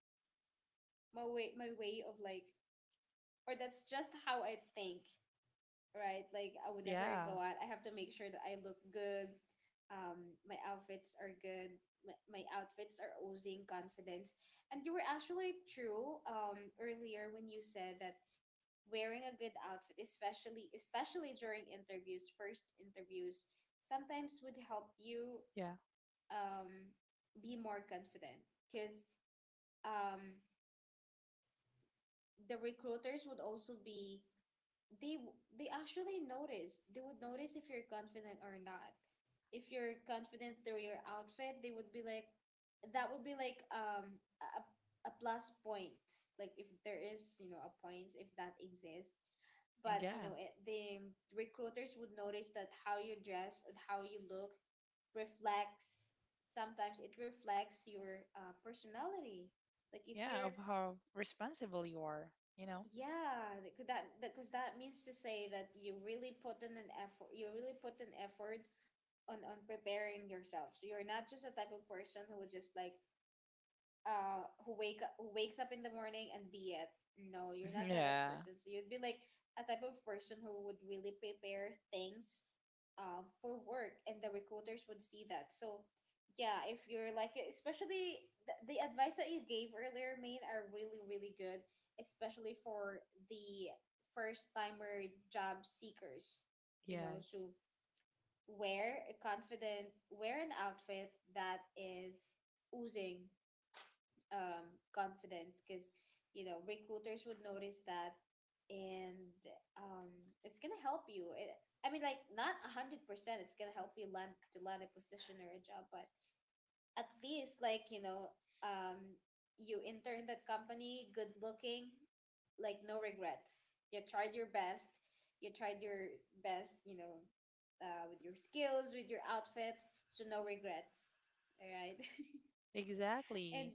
Speaker 1: my way of like or that's just how I think, right? Like I would never
Speaker 2: Yeah,
Speaker 1: go out, I have to make sure that I look good. My outfits are good. My outfits are oozing confidence. And you were actually true earlier when you said that wearing a good outfit, especially during interviews, first interviews, sometimes would help you
Speaker 2: yeah,
Speaker 1: um, be more confident because um, the recruiters would also be they actually notice. They would notice if you're confident or not. If you're confident through your outfit, they would be like, that would be like a plus point. Like if there is you know a points if that exists. But you
Speaker 2: yeah,
Speaker 1: know the recruiters would notice that how you dress and how you look reflects. Sometimes it reflects your personality. Like if
Speaker 2: yeah. Of
Speaker 1: you're
Speaker 2: how responsible you are, you know.
Speaker 1: yeah, because that means to say that you really put in an effort. You really put an effort on preparing yourself. So you're not just a type of person who would just like who wakes up in the morning and be it. No, you're not that type of
Speaker 2: Yeah.
Speaker 1: person. So you'd be like a type of person who would really prepare things for work and the recruiters would see that. So yeah, if you're like especially the advice that you gave earlier, Maine, are really, really good, especially for the first timer job seekers. You know,
Speaker 2: Yes,
Speaker 1: so wear a confident wear an outfit that is oozing confidence because you know recruiters would notice that and um, it's gonna help I mean like not 100% it's gonna help you land a position or a job but at least like you know, um, you interned that company good looking like no regrets, you tried your best, you tried your you know, with your skills with your outfits, so no regrets, all right? And
Speaker 2: exactly.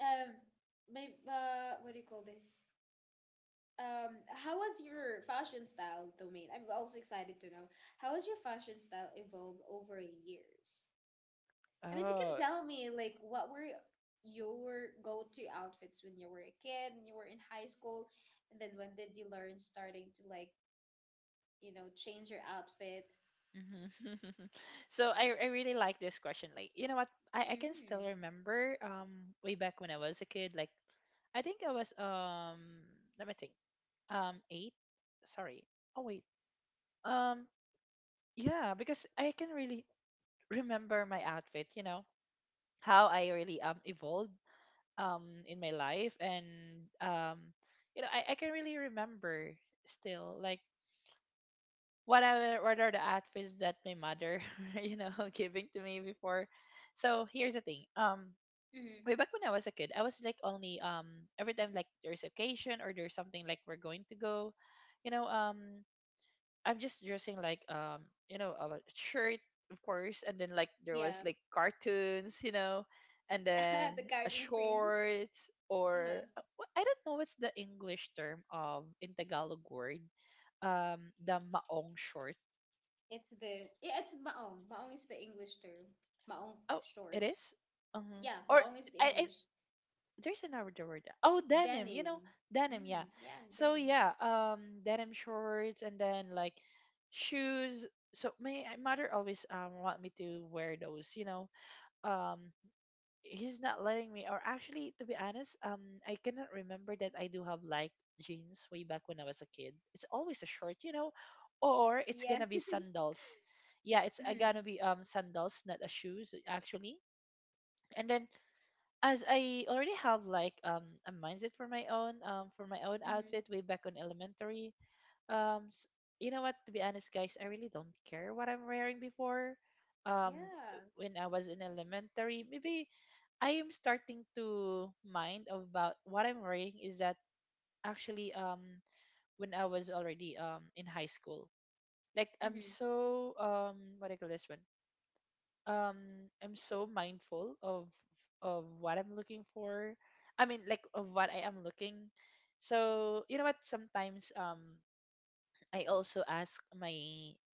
Speaker 1: um, maybe what do you call this? How was your fashion style, Domain? I'm also excited to know how has your fashion style evolved over years? And if you can
Speaker 2: Oh,
Speaker 1: tell me, like, what were your go-to outfits when you were a kid and you were in high school, and then when did you learn starting to like, you know, change your outfits?
Speaker 2: mhm. So I really like this question. Like, you know what? I can still
Speaker 1: Mm.
Speaker 2: remember, way back when I was a kid. Like, I think I was, let me think, eight. Sorry. Oh wait. Um yeah, because I can really remember my outfit. You know how I really, evolved, um in my life. And um you know, I can really remember still, like, what are, what are the outfits that my mother you know giving to me before. So here's the thing, um,
Speaker 1: Mm.
Speaker 2: way back when I was a kid, I was like, only, um, every time, like, there's occasion or there's something like we're going to go, you know, um, I'm just dressing like, um, you know, a shirt, of course, and then like, there was
Speaker 1: Yeah,
Speaker 2: like cartoons, you know. And then
Speaker 1: the
Speaker 2: a
Speaker 1: Garden Prince.
Speaker 2: shorts or
Speaker 1: Uh-huh.
Speaker 2: I don't know what's the English term of in Tagalog word, the maong short.
Speaker 1: It's the yeah, it's maong. Maong is the English term. Maong
Speaker 2: Oh, it is?
Speaker 1: shorts.
Speaker 2: Uh-huh.
Speaker 1: Yeah,
Speaker 2: Or
Speaker 1: maong is the
Speaker 2: I,
Speaker 1: English.
Speaker 2: there's another word. Oh, denim, you know,
Speaker 1: Denim.
Speaker 2: denim, yeah.
Speaker 1: Mm, yeah,
Speaker 2: So
Speaker 1: denim.
Speaker 2: yeah, um, denim shorts, and then like shoes. So my mother always, want me to wear those, you know. Um, he's not letting me, or actually, to be honest, um, I cannot remember that I do have like jeans way back when I was a kid. It's always a short, you know, or it's
Speaker 1: Yeah.
Speaker 2: gonna be sandals. Yeah, it's,
Speaker 1: Mm-hmm.
Speaker 2: gonna be, sandals, not a shoes actually. And then, as I already have like, a mindset for my own, for my own
Speaker 1: Mm-hmm.
Speaker 2: outfit way back on elementary. Um, s- you know what? To be honest, guys, I really don't care what I'm wearing before. Um,
Speaker 1: Yeah.
Speaker 2: when I was in elementary, maybe I am starting to mind about what I'm wearing. Is that actually, when I was already, in high school? Like, I'm
Speaker 1: Mm-hmm.
Speaker 2: so, what do you call this one? I'm so mindful of what I'm looking for. I mean, like, of what I am looking. So you know what? Sometimes, I also ask my,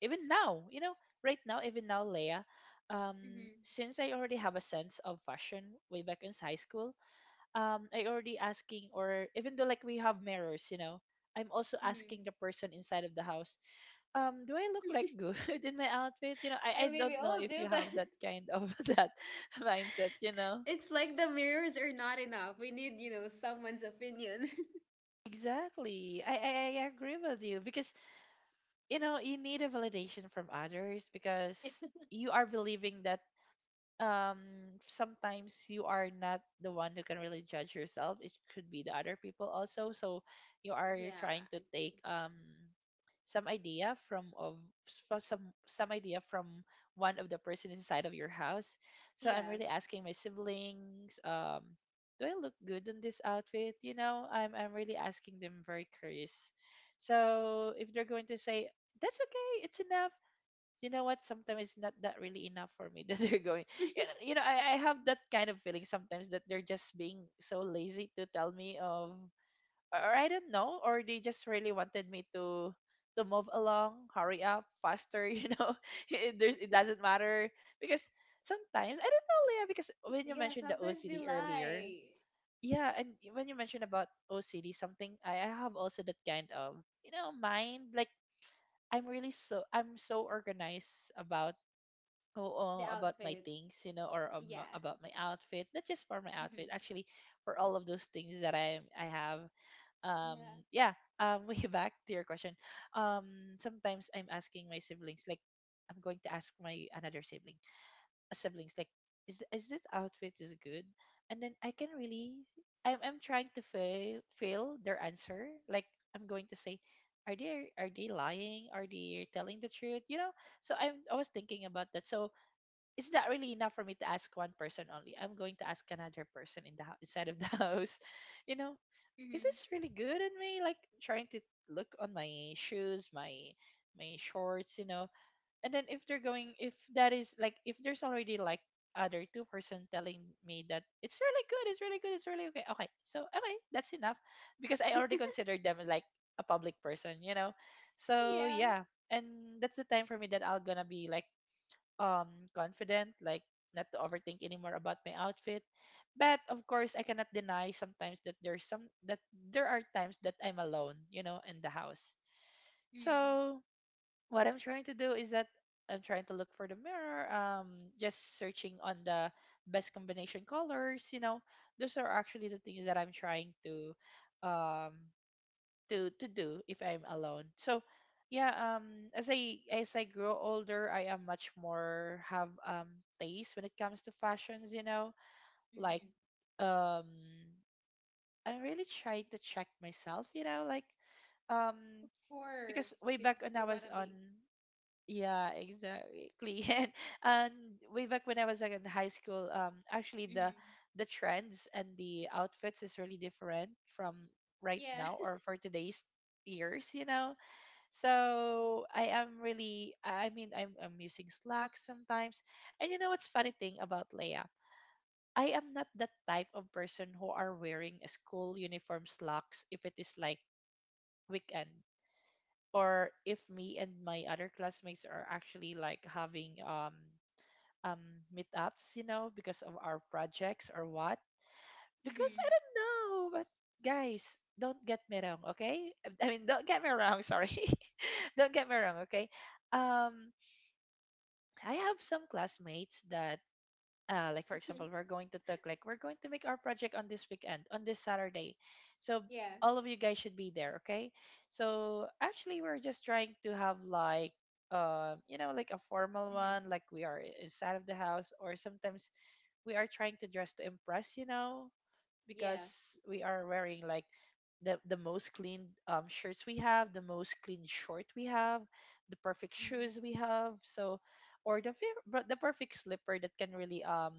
Speaker 2: even now, you know, right now, even now, Leia,
Speaker 1: Mm-hmm.
Speaker 2: since I already have a sense of fashion way back in high school, I already asking, or even though like we have mirrors, you know, I'm also
Speaker 1: Mm-hmm.
Speaker 2: asking the person inside of the house, do I look like good in my outfit? You know, i
Speaker 1: I
Speaker 2: i
Speaker 1: mean, we
Speaker 2: don't know
Speaker 1: all
Speaker 2: if
Speaker 1: do
Speaker 2: you
Speaker 1: that.
Speaker 2: have that kind of that mindset, you know.
Speaker 1: It's like the mirrors are not enough. We need, you know, someone's opinion.
Speaker 2: Exactly. I agree with you because, you know, you need a validation from others, because you are believing that, um sometimes you are not the one who can really judge yourself, it could be the other people also. So you are
Speaker 1: Yeah, I
Speaker 2: trying to
Speaker 1: agree.
Speaker 2: take, some idea from of s- some idea from one of the person inside of your house. So I'm
Speaker 1: Yeah.
Speaker 2: really asking my siblings, do I look good in this outfit? You know, I'm really asking them, very curious. So if they're going to say that's okay, it's enough. You know what? Sometimes it's not that really enough for me that they're going. Yeah, you know, I have that kind of feeling sometimes that they're just being so lazy to tell me of, or I don't know, or they just really wanted me to move along, hurry up, faster. You know, it doesn't matter. Because sometimes I don't know, Leah, because
Speaker 1: S-
Speaker 2: when you
Speaker 1: Yeah,
Speaker 2: mentioned the
Speaker 1: sometimes they
Speaker 2: OCD earlier.
Speaker 1: lie.
Speaker 2: Yeah. And when you mentioned about OCD something, I have also that kind of, you know, mind. Like, I'm really so, I'm so organized about,
Speaker 1: The
Speaker 2: oh, about my
Speaker 1: outfits.
Speaker 2: things, you know, or
Speaker 1: Yeah.
Speaker 2: about my outfit. Not just for my outfit,
Speaker 1: Mm-hmm.
Speaker 2: actually, for all of those things that I have. Um,
Speaker 1: Yeah.
Speaker 2: yeah. Way back to your question. Sometimes I'm asking my siblings, like, I'm going to ask my another sibling, a siblings, like, is this outfit is good? And then I can really, I'm trying to fail their answer. Like, I'm going to say. Are they, are they lying? Are they telling the truth? You know, so I'm, I was thinking about that. So it's not really enough for me to ask one person only. I'm going to ask another person in the house, inside of the house. You know,
Speaker 1: Mm-hmm.
Speaker 2: is this really good in me? Like, trying to look on my shoes, my shorts, you know. And then if they're going, if that is like, if there's already like other two-person telling me that it's really good, it's really good, it's really okay. Okay, so okay, that's enough, because I already considered them like a public person, you know. So
Speaker 1: Yeah.
Speaker 2: yeah, and that's the time for me that I'll gonna be like, confident, like, not to overthink anymore about my outfit. But of course, I cannot deny sometimes that there are times that I'm alone, you know, in the house.
Speaker 1: Mm,
Speaker 2: So what I'm trying to do is that I'm trying to look for the mirror, just searching on the best combination colors, you know. Those are actually the things that I'm trying to um to do if I'm alone. So yeah, as I grow older, I am much more have taste when it comes to fashions, you know. Like
Speaker 1: mm-hmm.
Speaker 2: um I really tried to check myself, you know,
Speaker 1: Of
Speaker 2: um because
Speaker 1: course,
Speaker 2: way
Speaker 1: because
Speaker 2: back when I
Speaker 1: we want
Speaker 2: was
Speaker 1: to
Speaker 2: on
Speaker 1: be.
Speaker 2: yeah, exactly. And way back when I was like in high school, actually
Speaker 1: Mm-hmm.
Speaker 2: the trends and the outfits is really different from right
Speaker 1: Yeah.
Speaker 2: now or for today's years, you know. So I am really, I mean, I'm using Slack sometimes. And you know what's funny thing about Leia? I am not that type of person who are wearing a school uniform slacks if it is like weekend or if me and my other classmates are actually like having um meetups, you know, because of our projects or what. Because
Speaker 1: Mm-hmm.
Speaker 2: I don't know, but guys, don't get me wrong, okay? I mean, don't get me wrong. Sorry, don't get me wrong, okay? Um, I have some classmates that like for example we're going to talk like we're going to make our project on this weekend on this Saturday, so
Speaker 1: Yeah.
Speaker 2: all of you guys should be there, okay? So actually we're just trying to have like you know like a formal
Speaker 1: Mm-hmm.
Speaker 2: one like we are inside of the house or sometimes we are trying to dress to impress, you know,
Speaker 1: Yeah.
Speaker 2: because we are wearing like the most clean shirts we have, the most clean short we have, the perfect shoes we
Speaker 1: Mm-hmm.
Speaker 2: have. So or the but the perfect slipper that can really um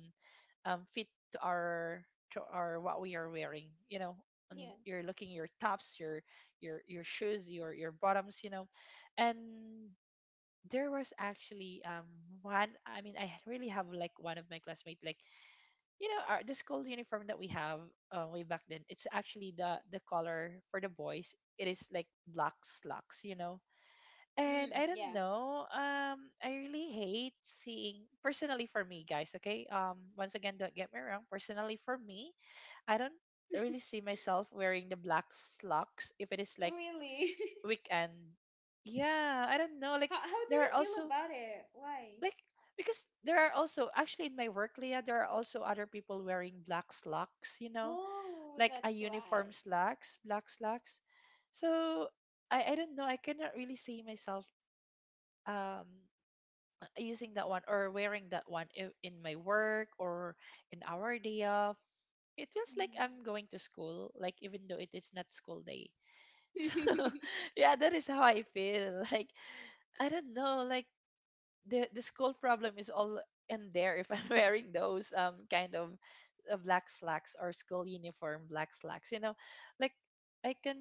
Speaker 2: um, fit to our what we are wearing. You know, and
Speaker 1: Yeah.
Speaker 2: you're looking your tops, your your shoes, your bottoms. You know, and there was actually one. I mean, I really have like one of my classmates like you know our, the school uniform that we have way back then. It's actually the color for the boys. It is like black slacks. You know, and
Speaker 1: Mm,
Speaker 2: I don't
Speaker 1: yeah.
Speaker 2: know. I really hate seeing personally for me, guys. Okay. Once again, don't get me wrong. Personally for me, I don't really see myself wearing the black slacks if it is like
Speaker 1: Really?
Speaker 2: weekend. Yeah, I don't know. Like
Speaker 1: How do
Speaker 2: there
Speaker 1: you
Speaker 2: are
Speaker 1: feel
Speaker 2: also
Speaker 1: about it? Why?
Speaker 2: like because there are also actually in my work, Leah, there are also other people wearing black slacks. You know,
Speaker 1: Oh,
Speaker 2: like a
Speaker 1: that's why.
Speaker 2: uniform slacks, black slacks. So I don't know. I cannot really see myself. Um. Using that one or wearing that one in my work or in our day off, it feels like
Speaker 1: Mm-hmm.
Speaker 2: I'm going to school, like even though it is not school day. So yeah, that is how I feel like. I don't know, like the school problem is all in there if I'm wearing those kind of black slacks or school uniform black slacks. You know, like I can,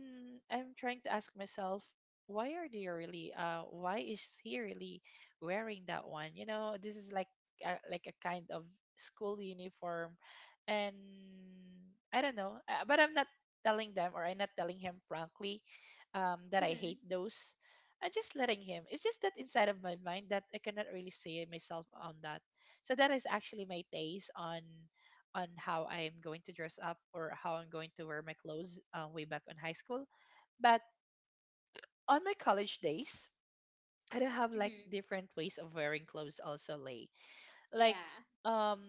Speaker 2: I'm trying to ask myself, why are they really why is he really wearing that one? You know, this is like a kind of school uniform, and I don't know, but I'm not telling them or I'm not telling him frankly that I
Speaker 1: Mm-hmm.
Speaker 2: hate those. I'm just letting him. It's just that inside of my mind that I cannot really see myself on that. So that is actually my taste on how I am going to dress up or how I'm going to wear my clothes way back in high school. But on my college days, I do have like
Speaker 1: Mm-hmm.
Speaker 2: different ways of wearing clothes also, Lay. Like
Speaker 1: Yeah.
Speaker 2: um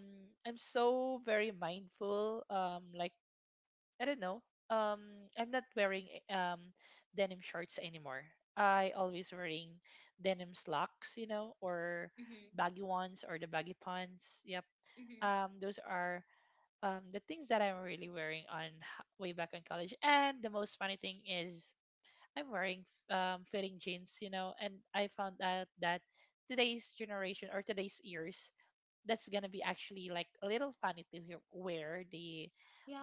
Speaker 2: I'm so very mindful like I don't know. I'm not wearing denim shorts anymore. I always wearing denim slacks, you know, or
Speaker 1: Mm-hmm.
Speaker 2: baggy ones or the baggy pants. Yep.
Speaker 1: Mm-hmm.
Speaker 2: Those are the things that I'm really wearing on way back in college. And the most funny thing is I'm wearing fitting jeans, you know, and I found out that today's generation or today's years, that's gonna be actually like a little funny to hear, wear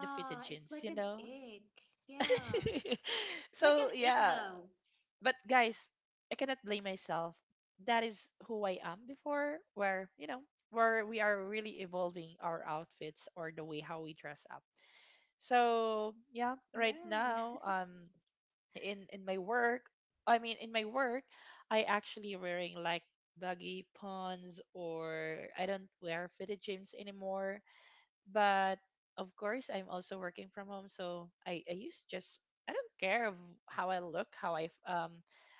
Speaker 2: the fitted
Speaker 1: it's
Speaker 2: jeans,
Speaker 1: like
Speaker 2: you
Speaker 1: an
Speaker 2: know.
Speaker 1: egg. Yeah. It's like
Speaker 2: So
Speaker 1: an egg
Speaker 2: yeah,
Speaker 1: now.
Speaker 2: but guys, I cannot blame myself. That is who I am before, where, you know, where we are really evolving our outfits or the way how we dress up. So yeah,
Speaker 1: Yeah.
Speaker 2: right now, in my work, I mean, in my work, I actually wearing like baggy pants or I don't wear fitted jeans anymore. But of course I'm also working from home, so I use just, I don't care of how I look, how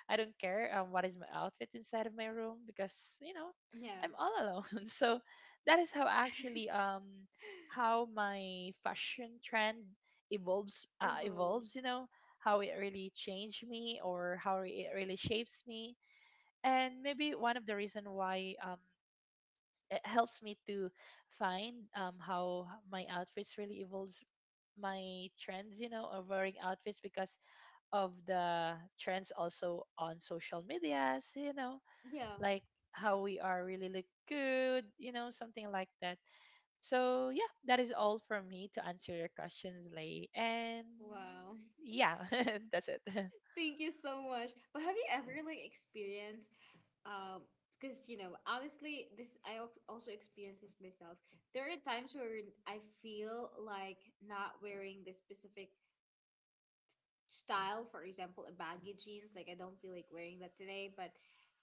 Speaker 2: I don't care what is my outfit inside of my room because, you know,
Speaker 1: Yeah.
Speaker 2: I'm all alone. So that is how actually how my fashion trend evolves, evolves,
Speaker 1: Evolves.
Speaker 2: you know, how it really changed me or how it really shapes me. And maybe one of the reason why, it helps me to find, how my outfits really evolves my trends, you know, of wearing outfits because of the trends also on social medias, you know,
Speaker 1: Yeah.
Speaker 2: like how we are really look good, you know, something like that. So yeah, that is all for me to answer your questions, Lay, and
Speaker 1: Wow.
Speaker 2: yeah. That's it.
Speaker 1: Thank you so much. But have you ever like experienced um because you know, honestly, this I also experienced this myself. There are times where I feel like not wearing this specific style, for example, a baggy jeans, like I don't feel like wearing that today, but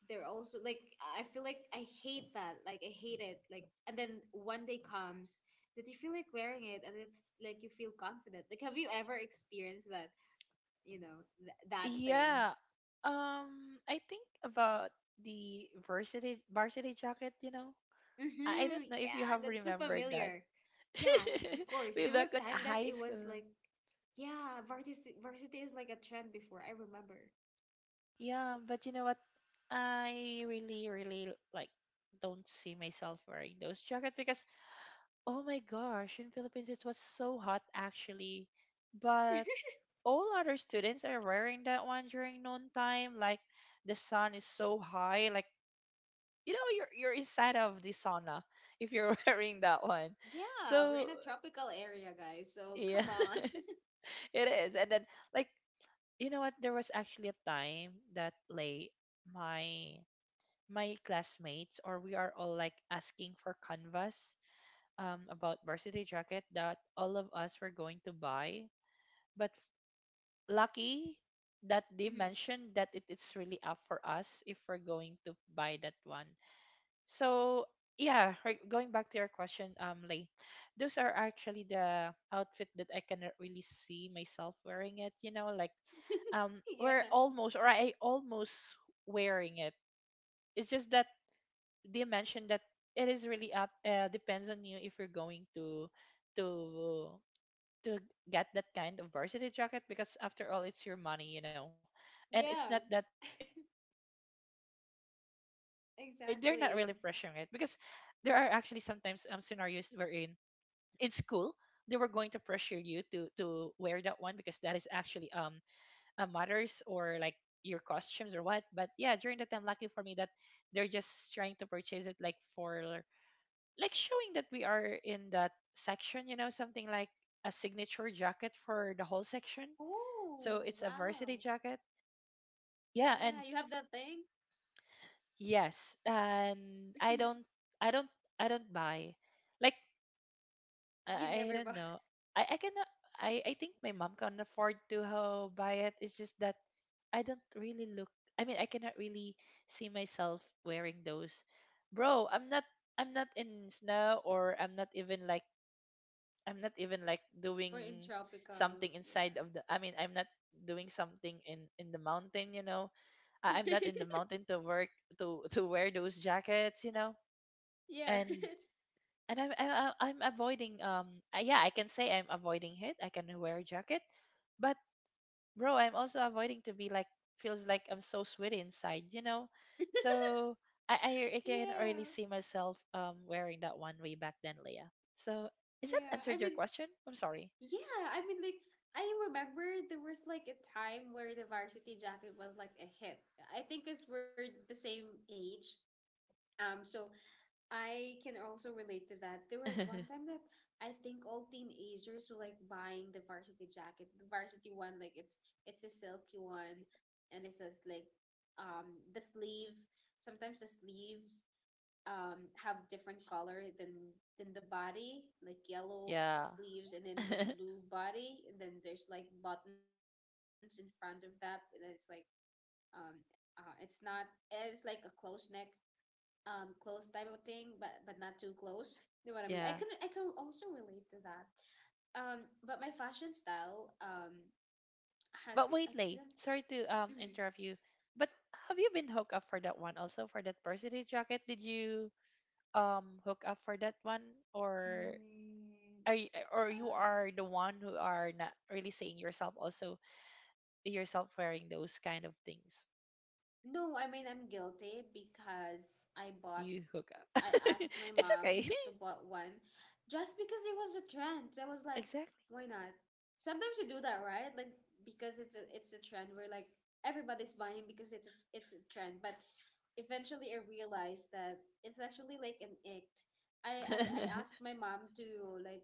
Speaker 1: they're also like I feel like I hate that. Like I hate it. Like and then one day comes that you feel like wearing it and it's like you feel confident. Like have you ever experienced you know, that thing.
Speaker 2: Yeah, I think about the varsity jacket, you know. I
Speaker 1: Hmm,
Speaker 2: don't know if you
Speaker 1: yeah,
Speaker 2: have
Speaker 1: that's so
Speaker 2: remembered that.
Speaker 1: familiar. Yeah, of course.
Speaker 2: Way
Speaker 1: There were
Speaker 2: back in
Speaker 1: time that
Speaker 2: high
Speaker 1: it was
Speaker 2: school.
Speaker 1: like, yeah, varsity is like a trend before. I remember.
Speaker 2: Yeah, but you know what? I really, really like don't see myself wearing those jackets because, oh my gosh, in Philippines it was so hot actually. But all other students are wearing that one during noon time. Like the sun is so high, like you know, you're inside of the sauna if you're wearing that one.
Speaker 1: Yeah, we're in
Speaker 2: So
Speaker 1: a tropical area, guys. So come
Speaker 2: yeah,
Speaker 1: on.
Speaker 2: it is. And then like, you know what, there was actually a time that like my classmates or we are all like asking for canvas about varsity jacket that all of us were going to buy, but lucky that they
Speaker 1: Mhm.
Speaker 2: mentioned that it's really up for us if we're going to buy that one. So yeah, right, going back to your question, Lay, those are actually the outfit that I cannot really see myself wearing it. You know, like,
Speaker 1: Yeah,
Speaker 2: we're almost or I almost wearing it. It's just that they mentioned that it is really up, depends on you if you're going to to to get that kind of varsity jacket because after all it's your money, you know, and it's not
Speaker 1: yeah,
Speaker 2: that they're not really pressuring it because there are actually sometimes
Speaker 1: exactly.
Speaker 2: scenarios wherein in school they were going to pressure you to wear that one because that is actually matters or like your costumes or what. But yeah, during the time lucky for me that they're just trying to purchase it like for like showing that we are in that section, you know, something like a signature jacket for the whole section. So
Speaker 1: Oh,
Speaker 2: it's a
Speaker 1: wow.
Speaker 2: varsity jacket, yeah,
Speaker 1: Yeah,
Speaker 2: and
Speaker 1: you have that thing?
Speaker 2: yes, and i don't I don't buy, like
Speaker 1: You
Speaker 2: I
Speaker 1: never
Speaker 2: don't
Speaker 1: bought.
Speaker 2: know. I cannot. I think my mom can afford to buy it. It's just that I don't really look. I mean, I cannot really see myself wearing those. Bro, I'm not. I'm not in snow, or I'm not even like. I'm not even like
Speaker 1: We're in
Speaker 2: doing
Speaker 1: tropical.
Speaker 2: something
Speaker 1: Yeah.
Speaker 2: inside of the. I mean, I'm not doing something in the mountain. You know, I'm not in the mountain to work to wear those jackets. You know,
Speaker 1: Yeah.
Speaker 2: and and I'm I, I'm avoiding yeah I can say I'm avoiding heat, I can wear a jacket, but bro I'm also avoiding to be like feels like I'm so sweaty inside, you know. So I can really
Speaker 1: Yeah.
Speaker 2: see myself wearing that one way back then, Leah, so is that
Speaker 1: Yeah, I
Speaker 2: answered your
Speaker 1: mean,
Speaker 2: question? I'm sorry.
Speaker 1: yeah, I mean, like, I remember there was like a time where the Varsity Jacket was like a hit. I think because we're the same age. So I can also relate to that. There was one time that I think all teenagers were like buying the Varsity Jacket, the Varsity one, like it's a silky one, and it says like the sleeve, sometimes the sleeves have different color than the body, like yellow
Speaker 2: Yeah.
Speaker 1: sleeves and then the blue body and then there's like buttons in front of that and then it's like um it's not it's like a close neck, close type of thing but not too close. You know what I mean? I can
Speaker 2: Yeah,
Speaker 1: also relate to that. But my fashion style has
Speaker 2: but
Speaker 1: I
Speaker 2: wait Lay,
Speaker 1: couldn't
Speaker 2: sorry to
Speaker 1: Hmm.
Speaker 2: interrupt you, but have you been hooked up for that one also for that varsity jacket? Did you hook up for that one or
Speaker 1: Mm,
Speaker 2: are you, or you
Speaker 1: uh,
Speaker 2: are the one who are not really seeing yourself also yourself wearing those kind of things?
Speaker 1: no I mean I'm guilty because I bought
Speaker 2: You hook up.
Speaker 1: I asked my
Speaker 2: It's
Speaker 1: mom
Speaker 2: okay.
Speaker 1: to bought one just because it was a trend. So, I was like,
Speaker 2: Exactly.
Speaker 1: why not? Sometimes you do that, right? Like because it's a trend where like everybody's buying because it's a trend. But eventually I realized that it's actually like an act. I asked my mom to like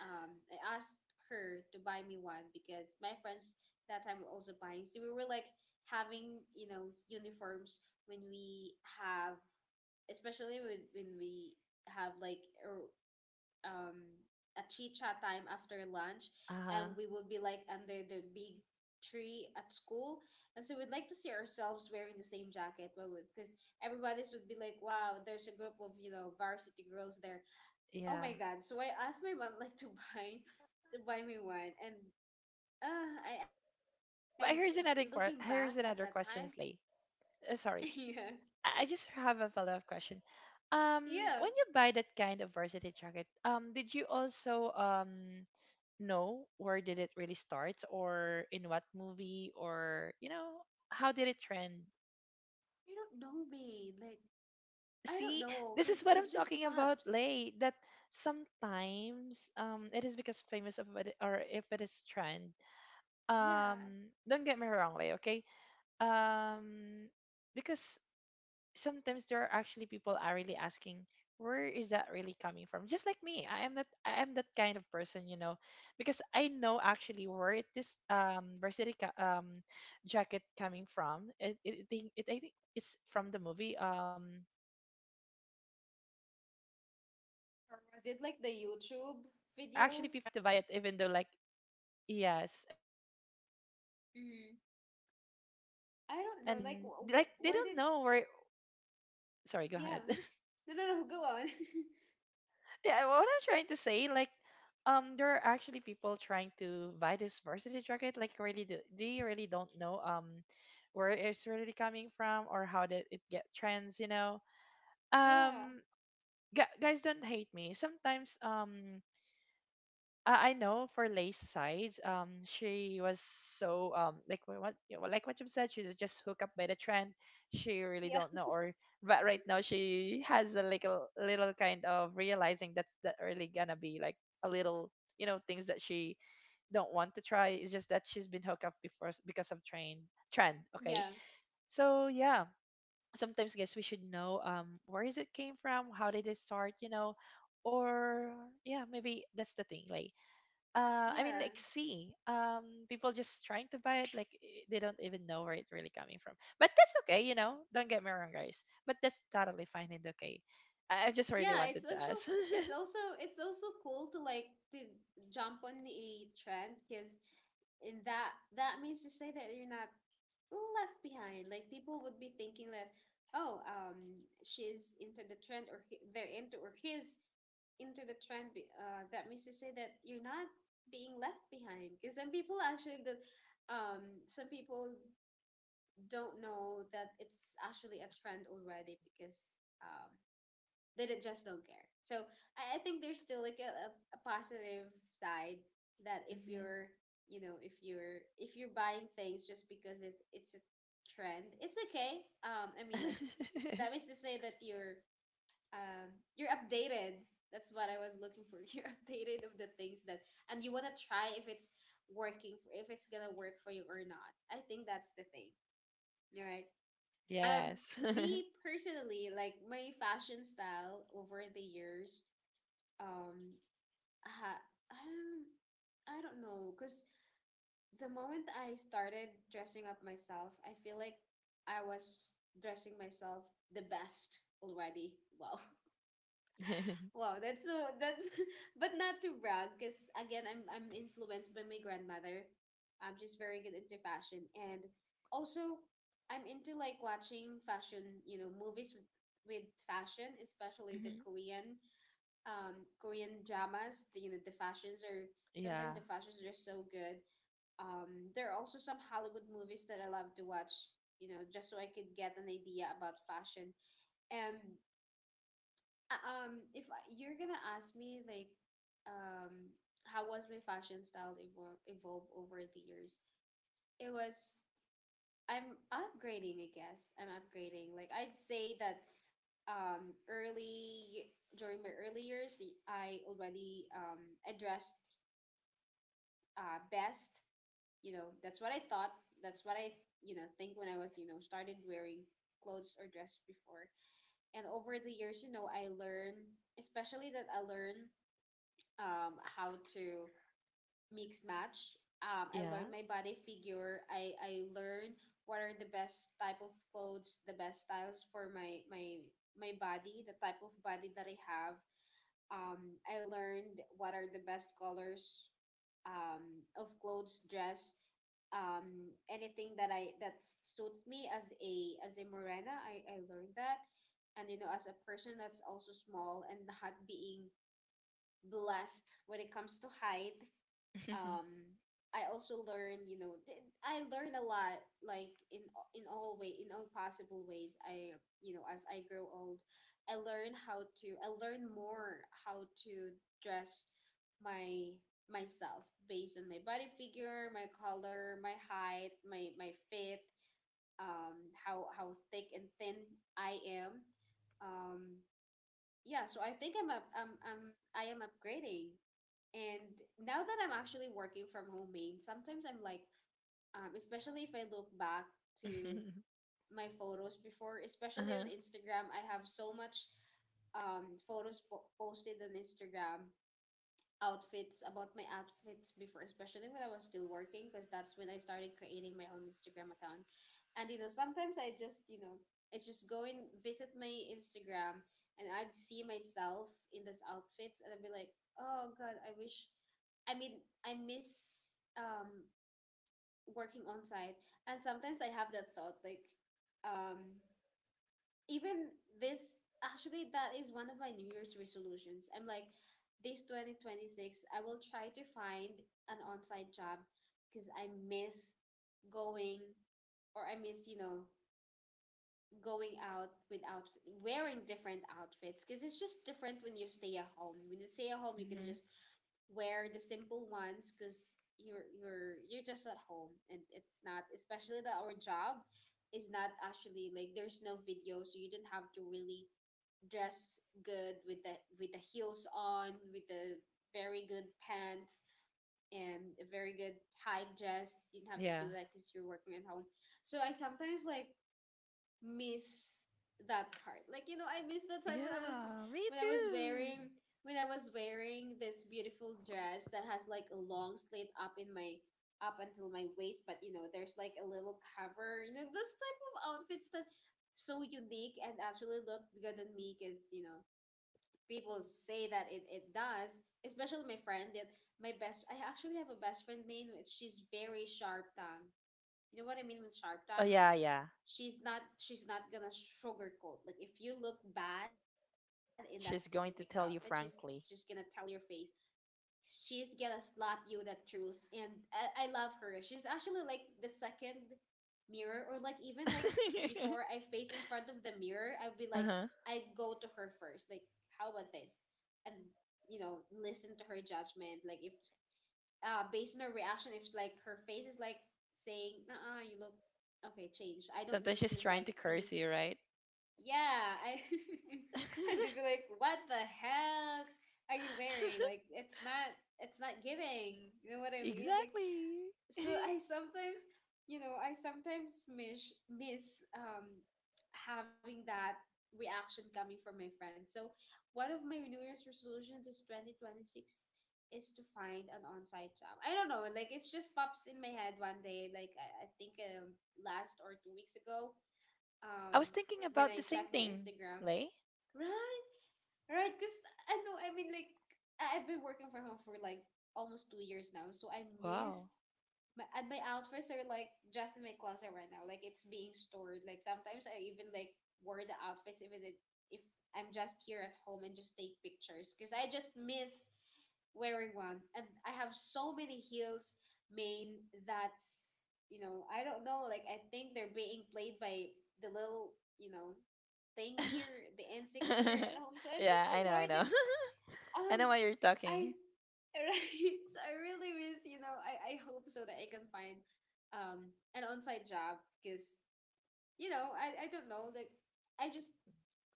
Speaker 1: I asked her to buy me one because my friends that time were also buying. So we were like having, uniforms when we have especially with, when we have like um a chit chat time after lunch, and
Speaker 2: Uh-huh.
Speaker 1: we would be like under the big tree at school, and so we'd like to see ourselves wearing the same jacket, because everybody's would be like, "Wow, there's a group of varsity girls there." Oh
Speaker 2: Yeah,
Speaker 1: my god! So I asked my mom like to buy me one, and I
Speaker 2: but
Speaker 1: looking
Speaker 2: here's
Speaker 1: back
Speaker 2: another
Speaker 1: at that time,
Speaker 2: here's another question, Slay.
Speaker 1: yeah,
Speaker 2: Sorry, I just have a follow-up question.
Speaker 1: yeah,
Speaker 2: When you buy that kind of varsity jacket, did you also know where did it really start or in what movie or you know how did it trend?
Speaker 1: you don't know me like I don't
Speaker 2: See,
Speaker 1: know,
Speaker 2: this is
Speaker 1: cause
Speaker 2: what
Speaker 1: it's
Speaker 2: I'm
Speaker 1: just
Speaker 2: talking about,
Speaker 1: pups.
Speaker 2: Lay. That sometimes it is because famous of it or if it is trend.
Speaker 1: Yeah.
Speaker 2: Don't get me wrong, Lay, okay? um because sometimes there are actually people are really asking where is that really coming from, just like me, I am that, I am that kind of person, you know, because I know actually where this varsity jacket coming from. It, think- it I think it's from the movie, is that High School Musical or what? Yeah, but
Speaker 1: Or was it
Speaker 2: yeah, there
Speaker 1: like the
Speaker 2: are actually people
Speaker 1: YouTube
Speaker 2: just trying to buy it
Speaker 1: video?
Speaker 2: even though like, yes, and yeah, it's a, a
Speaker 1: Mm.
Speaker 2: musical movie,
Speaker 1: I don't know.
Speaker 2: and
Speaker 1: Like,
Speaker 2: like they don't
Speaker 1: where did?
Speaker 2: know where. Sorry, go ahead.
Speaker 1: Yeah. No, no, no. Go on.
Speaker 2: Yeah, what I'm trying to say, like, there are actually people trying to buy this varsity jacket. Like, really, do, they really don't know where it's really coming from or how did it get trends. You know,
Speaker 1: Yeah.
Speaker 2: um, guys, don't hate me. Sometimes, um, I know for Lay's side, she was so like what you know, like what you said, she was just hooked up by the trend. She really
Speaker 1: Yeah.
Speaker 2: don't know, or but right now she has a little kind of realizing that's that really gonna be like a little, you know, things that she don't want to try. It's just that she's been hooked up before because of train trend. Okay,
Speaker 1: Yeah.
Speaker 2: so yeah, sometimes guess we should know where is it came from, how did it start, you know, or yeah maybe that's the thing, like I mean,
Speaker 1: Yeah.
Speaker 2: like see, people just trying to buy it, like they don't even know where it's really coming from. But that's okay, you know. Don't get me wrong, guys. But that's totally fine and okay. I just really
Speaker 1: Yeah,
Speaker 2: wanted to ask.
Speaker 1: it's also cool to like to jump on a trend because in that means to say that you're not left behind. Like people would be thinking that, oh, she's into the trend or they're into or he's into the trend. That means to say that you're not being left behind because some people actually that some people don't know that it's actually a trend already because they don't- just don't care. So I think there's still like a positive side that if you're if you're buying things just because it's a trend, it's okay. I mean like
Speaker 2: Mhm.
Speaker 1: that means to say that you're updated. That's what I was looking for. You're updated of the things that and you wanna try if it's working for if it's gonna work for you or not. I think that's the thing. Right? um
Speaker 2: Yes.
Speaker 1: Me personally, like my fashion style over the years, um ha- um I don't know, because the moment I started dressing up myself, I feel like I was dressing myself the best already. Wow. Wow, that's but not to brag, because again, I'm influenced by my grandmother. I'm just very good into fashion, and also I'm into like watching fashion, you know, movies with fashion, especially the
Speaker 2: Mhm.
Speaker 1: Korean dramas. The, you know, the fashions are
Speaker 2: Yeah.
Speaker 1: sometimes the fashions are so good. There are also some Hollywood movies that I love to watch, you know, just so I could get an idea about fashion. And if I, you're gonna ask me like, um, how was my fashion style evolve over the years? It was I'm upgrading, I guess. I'm upgrading. Like I'd say that early during my early years, I already addressed best, you know, that's what I thought, that's what I, you know, think when I was, you know, started wearing clothes or dress before. And over the years, you know, I learn, especially that I learn how to mix match. I
Speaker 2: Yeah.
Speaker 1: learned my body figure. I learned what are the best type of clothes, the best styles for my body, the type of body that I have. I learned what are the best colors of clothes, dress, anything that suits me as a morena. I learned that, and you know, as a person that's also small and not being blessed when it comes to height. Um, I also learned, you know, I learned a lot, like in in all way, in all possible ways. I, you know, as I grow old, I learn more how to dress my myself based on my body figure, my color, my height, my fit, how thick and thin I am. Um, yeah, so I think I am upgrading. And now that I'm actually working from home, main, sometimes I'm like, especially if I look back to my photos before, especially
Speaker 2: Uh-huh.
Speaker 1: on Instagram, I have so much posted on Instagram outfits about my outfits before, especially when I was still working, because that's when I started creating my own Instagram account. And you know, sometimes I just, you know, I just go and visit my Instagram and I'd see myself in those outfits and I'd be like, oh god, I wish I mean I miss um working on site. And sometimes I have that thought like, um, even this, actually that is one of my new year's resolutions, I'm like, this 2026 I will try to find an on-site job because I miss going, or I miss, you know, going out without wearing different outfits, because it's just different when you stay at home. When you stay at home, you can
Speaker 2: hmm
Speaker 1: just wear the simple ones because you're just at home and it's not, especially that our job is not actually like there's no video, so you don't have to really dress good with the heels on, with the very good pants and a very good tie dress. You don't have to
Speaker 2: Yeah.
Speaker 1: do that because you're working at home. So I sometimes like miss that part. Like you know, I miss the time when I was
Speaker 2: Yeah. Me
Speaker 1: when I was
Speaker 2: too.
Speaker 1: wearing when I was wearing this beautiful dress that has like a long slit up in my up until my waist, but you know, there's like a little cover. You know, those type of outfits that so unique and actually look good on me, because you know people say that it does, especially my friend that my best I actually have a best friend, main. She's very sharp tongue. You know what I mean with Sharp
Speaker 2: Oh
Speaker 1: Time? Like
Speaker 2: yeah, yeah.
Speaker 1: she's not gonna sugarcoat. Like if you look bad in that specific outfit,
Speaker 2: She's going
Speaker 1: she's
Speaker 2: to tell you
Speaker 1: just gonna tell
Speaker 2: frankly.
Speaker 1: your face. She's gonna slap you the truth. And I love her. She's actually like the second mirror, or like even like before I face in front of the mirror, I'd be
Speaker 2: Uh
Speaker 1: like
Speaker 2: huh.
Speaker 1: I'd go to her first. Like, how about this? And you know, listen to her judgment. Like if based on her reaction, if like her face is like saying, "Nah, you look okay, change. I don't
Speaker 2: Sometimes
Speaker 1: need to
Speaker 2: she's trying to
Speaker 1: like
Speaker 2: curse
Speaker 1: see."
Speaker 2: you, right?
Speaker 1: Yeah, I and they'd be like, "What the heck are you wearing? Like, it's not giving." You know what I mean? Like,
Speaker 2: Exactly.
Speaker 1: so I sometimes, you know, I sometimes miss having that reaction coming from my friends. So one of my New Year's resolutions is 2026 is to find an on-site job. I don't know, like it's just pops in my head one day. Like I think last or 2 weeks ago, um,
Speaker 2: I was thinking
Speaker 1: when
Speaker 2: about the
Speaker 1: I
Speaker 2: same
Speaker 1: checked my
Speaker 2: thing,
Speaker 1: Instagram,
Speaker 2: Lay.
Speaker 1: right, right, because I mean like I've been working from home for like almost 2 years now, so I missed
Speaker 2: Wow.
Speaker 1: my outfits are like just in my closet right now. Like it's being stored. Like sometimes I even like wear the outfits even if I'm just here at home and just take pictures because I just miss wearing one. And I have so many heels, main, that's you know I don't know. Like I think they're being played by the little you know thing here, the N six here at home. So I'm
Speaker 2: Yeah,
Speaker 1: just so
Speaker 2: I know, I
Speaker 1: worried.
Speaker 2: know.
Speaker 1: Like
Speaker 2: I
Speaker 1: um,
Speaker 2: know why you're
Speaker 1: I
Speaker 2: talking
Speaker 1: Right. I really miss, you know, I hope so that I can find an on-site job because, you know, I don't know, like I just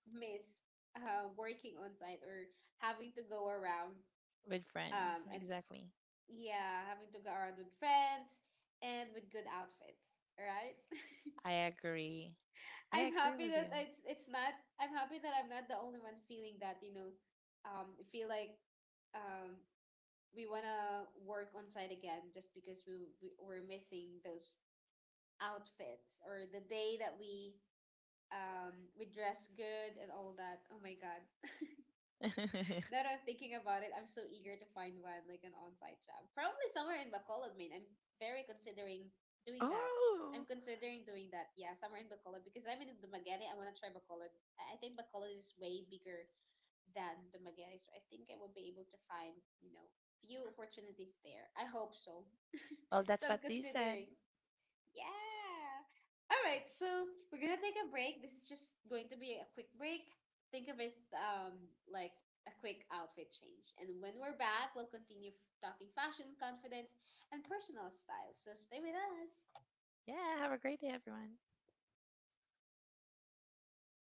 Speaker 1: miss working on-site, or having to go around
Speaker 2: with friends.
Speaker 1: and
Speaker 2: Exactly.
Speaker 1: yeah, having to go around with friends and with good outfits, right?
Speaker 2: I agree. I
Speaker 1: I'm
Speaker 2: agree
Speaker 1: happy
Speaker 2: with
Speaker 1: that
Speaker 2: you.
Speaker 1: it's not I'm happy that I'm not the only one feeling that, you know, feel like um we want to work on site again just because we're missing those outfits or the day that we dress good and all that. Oh my god. Now that I'm thinking about it, I'm so eager to find one like an on-site job. Probably somewhere in Bacolod, Maine. I'm very considering doing that.
Speaker 2: Oh,
Speaker 1: I'm considering doing that. Yeah, somewhere in Bacolod because I'm in Dumaguete. I want to try Bacolod. I think Bacolod is way bigger than the Dumaguete. So I think I will be able to find, you know, few opportunities there. I hope so.
Speaker 2: well,
Speaker 1: So
Speaker 2: that's
Speaker 1: I'm
Speaker 2: what they said.
Speaker 1: considering. Yeah. All right. So we're gonna take a break. This is just going to be a quick break. Think of it like a quick outfit change. And when we're back, we'll continue talking fashion, confidence, and personal style. So stay with us.
Speaker 2: Yeah, have a great day, everyone.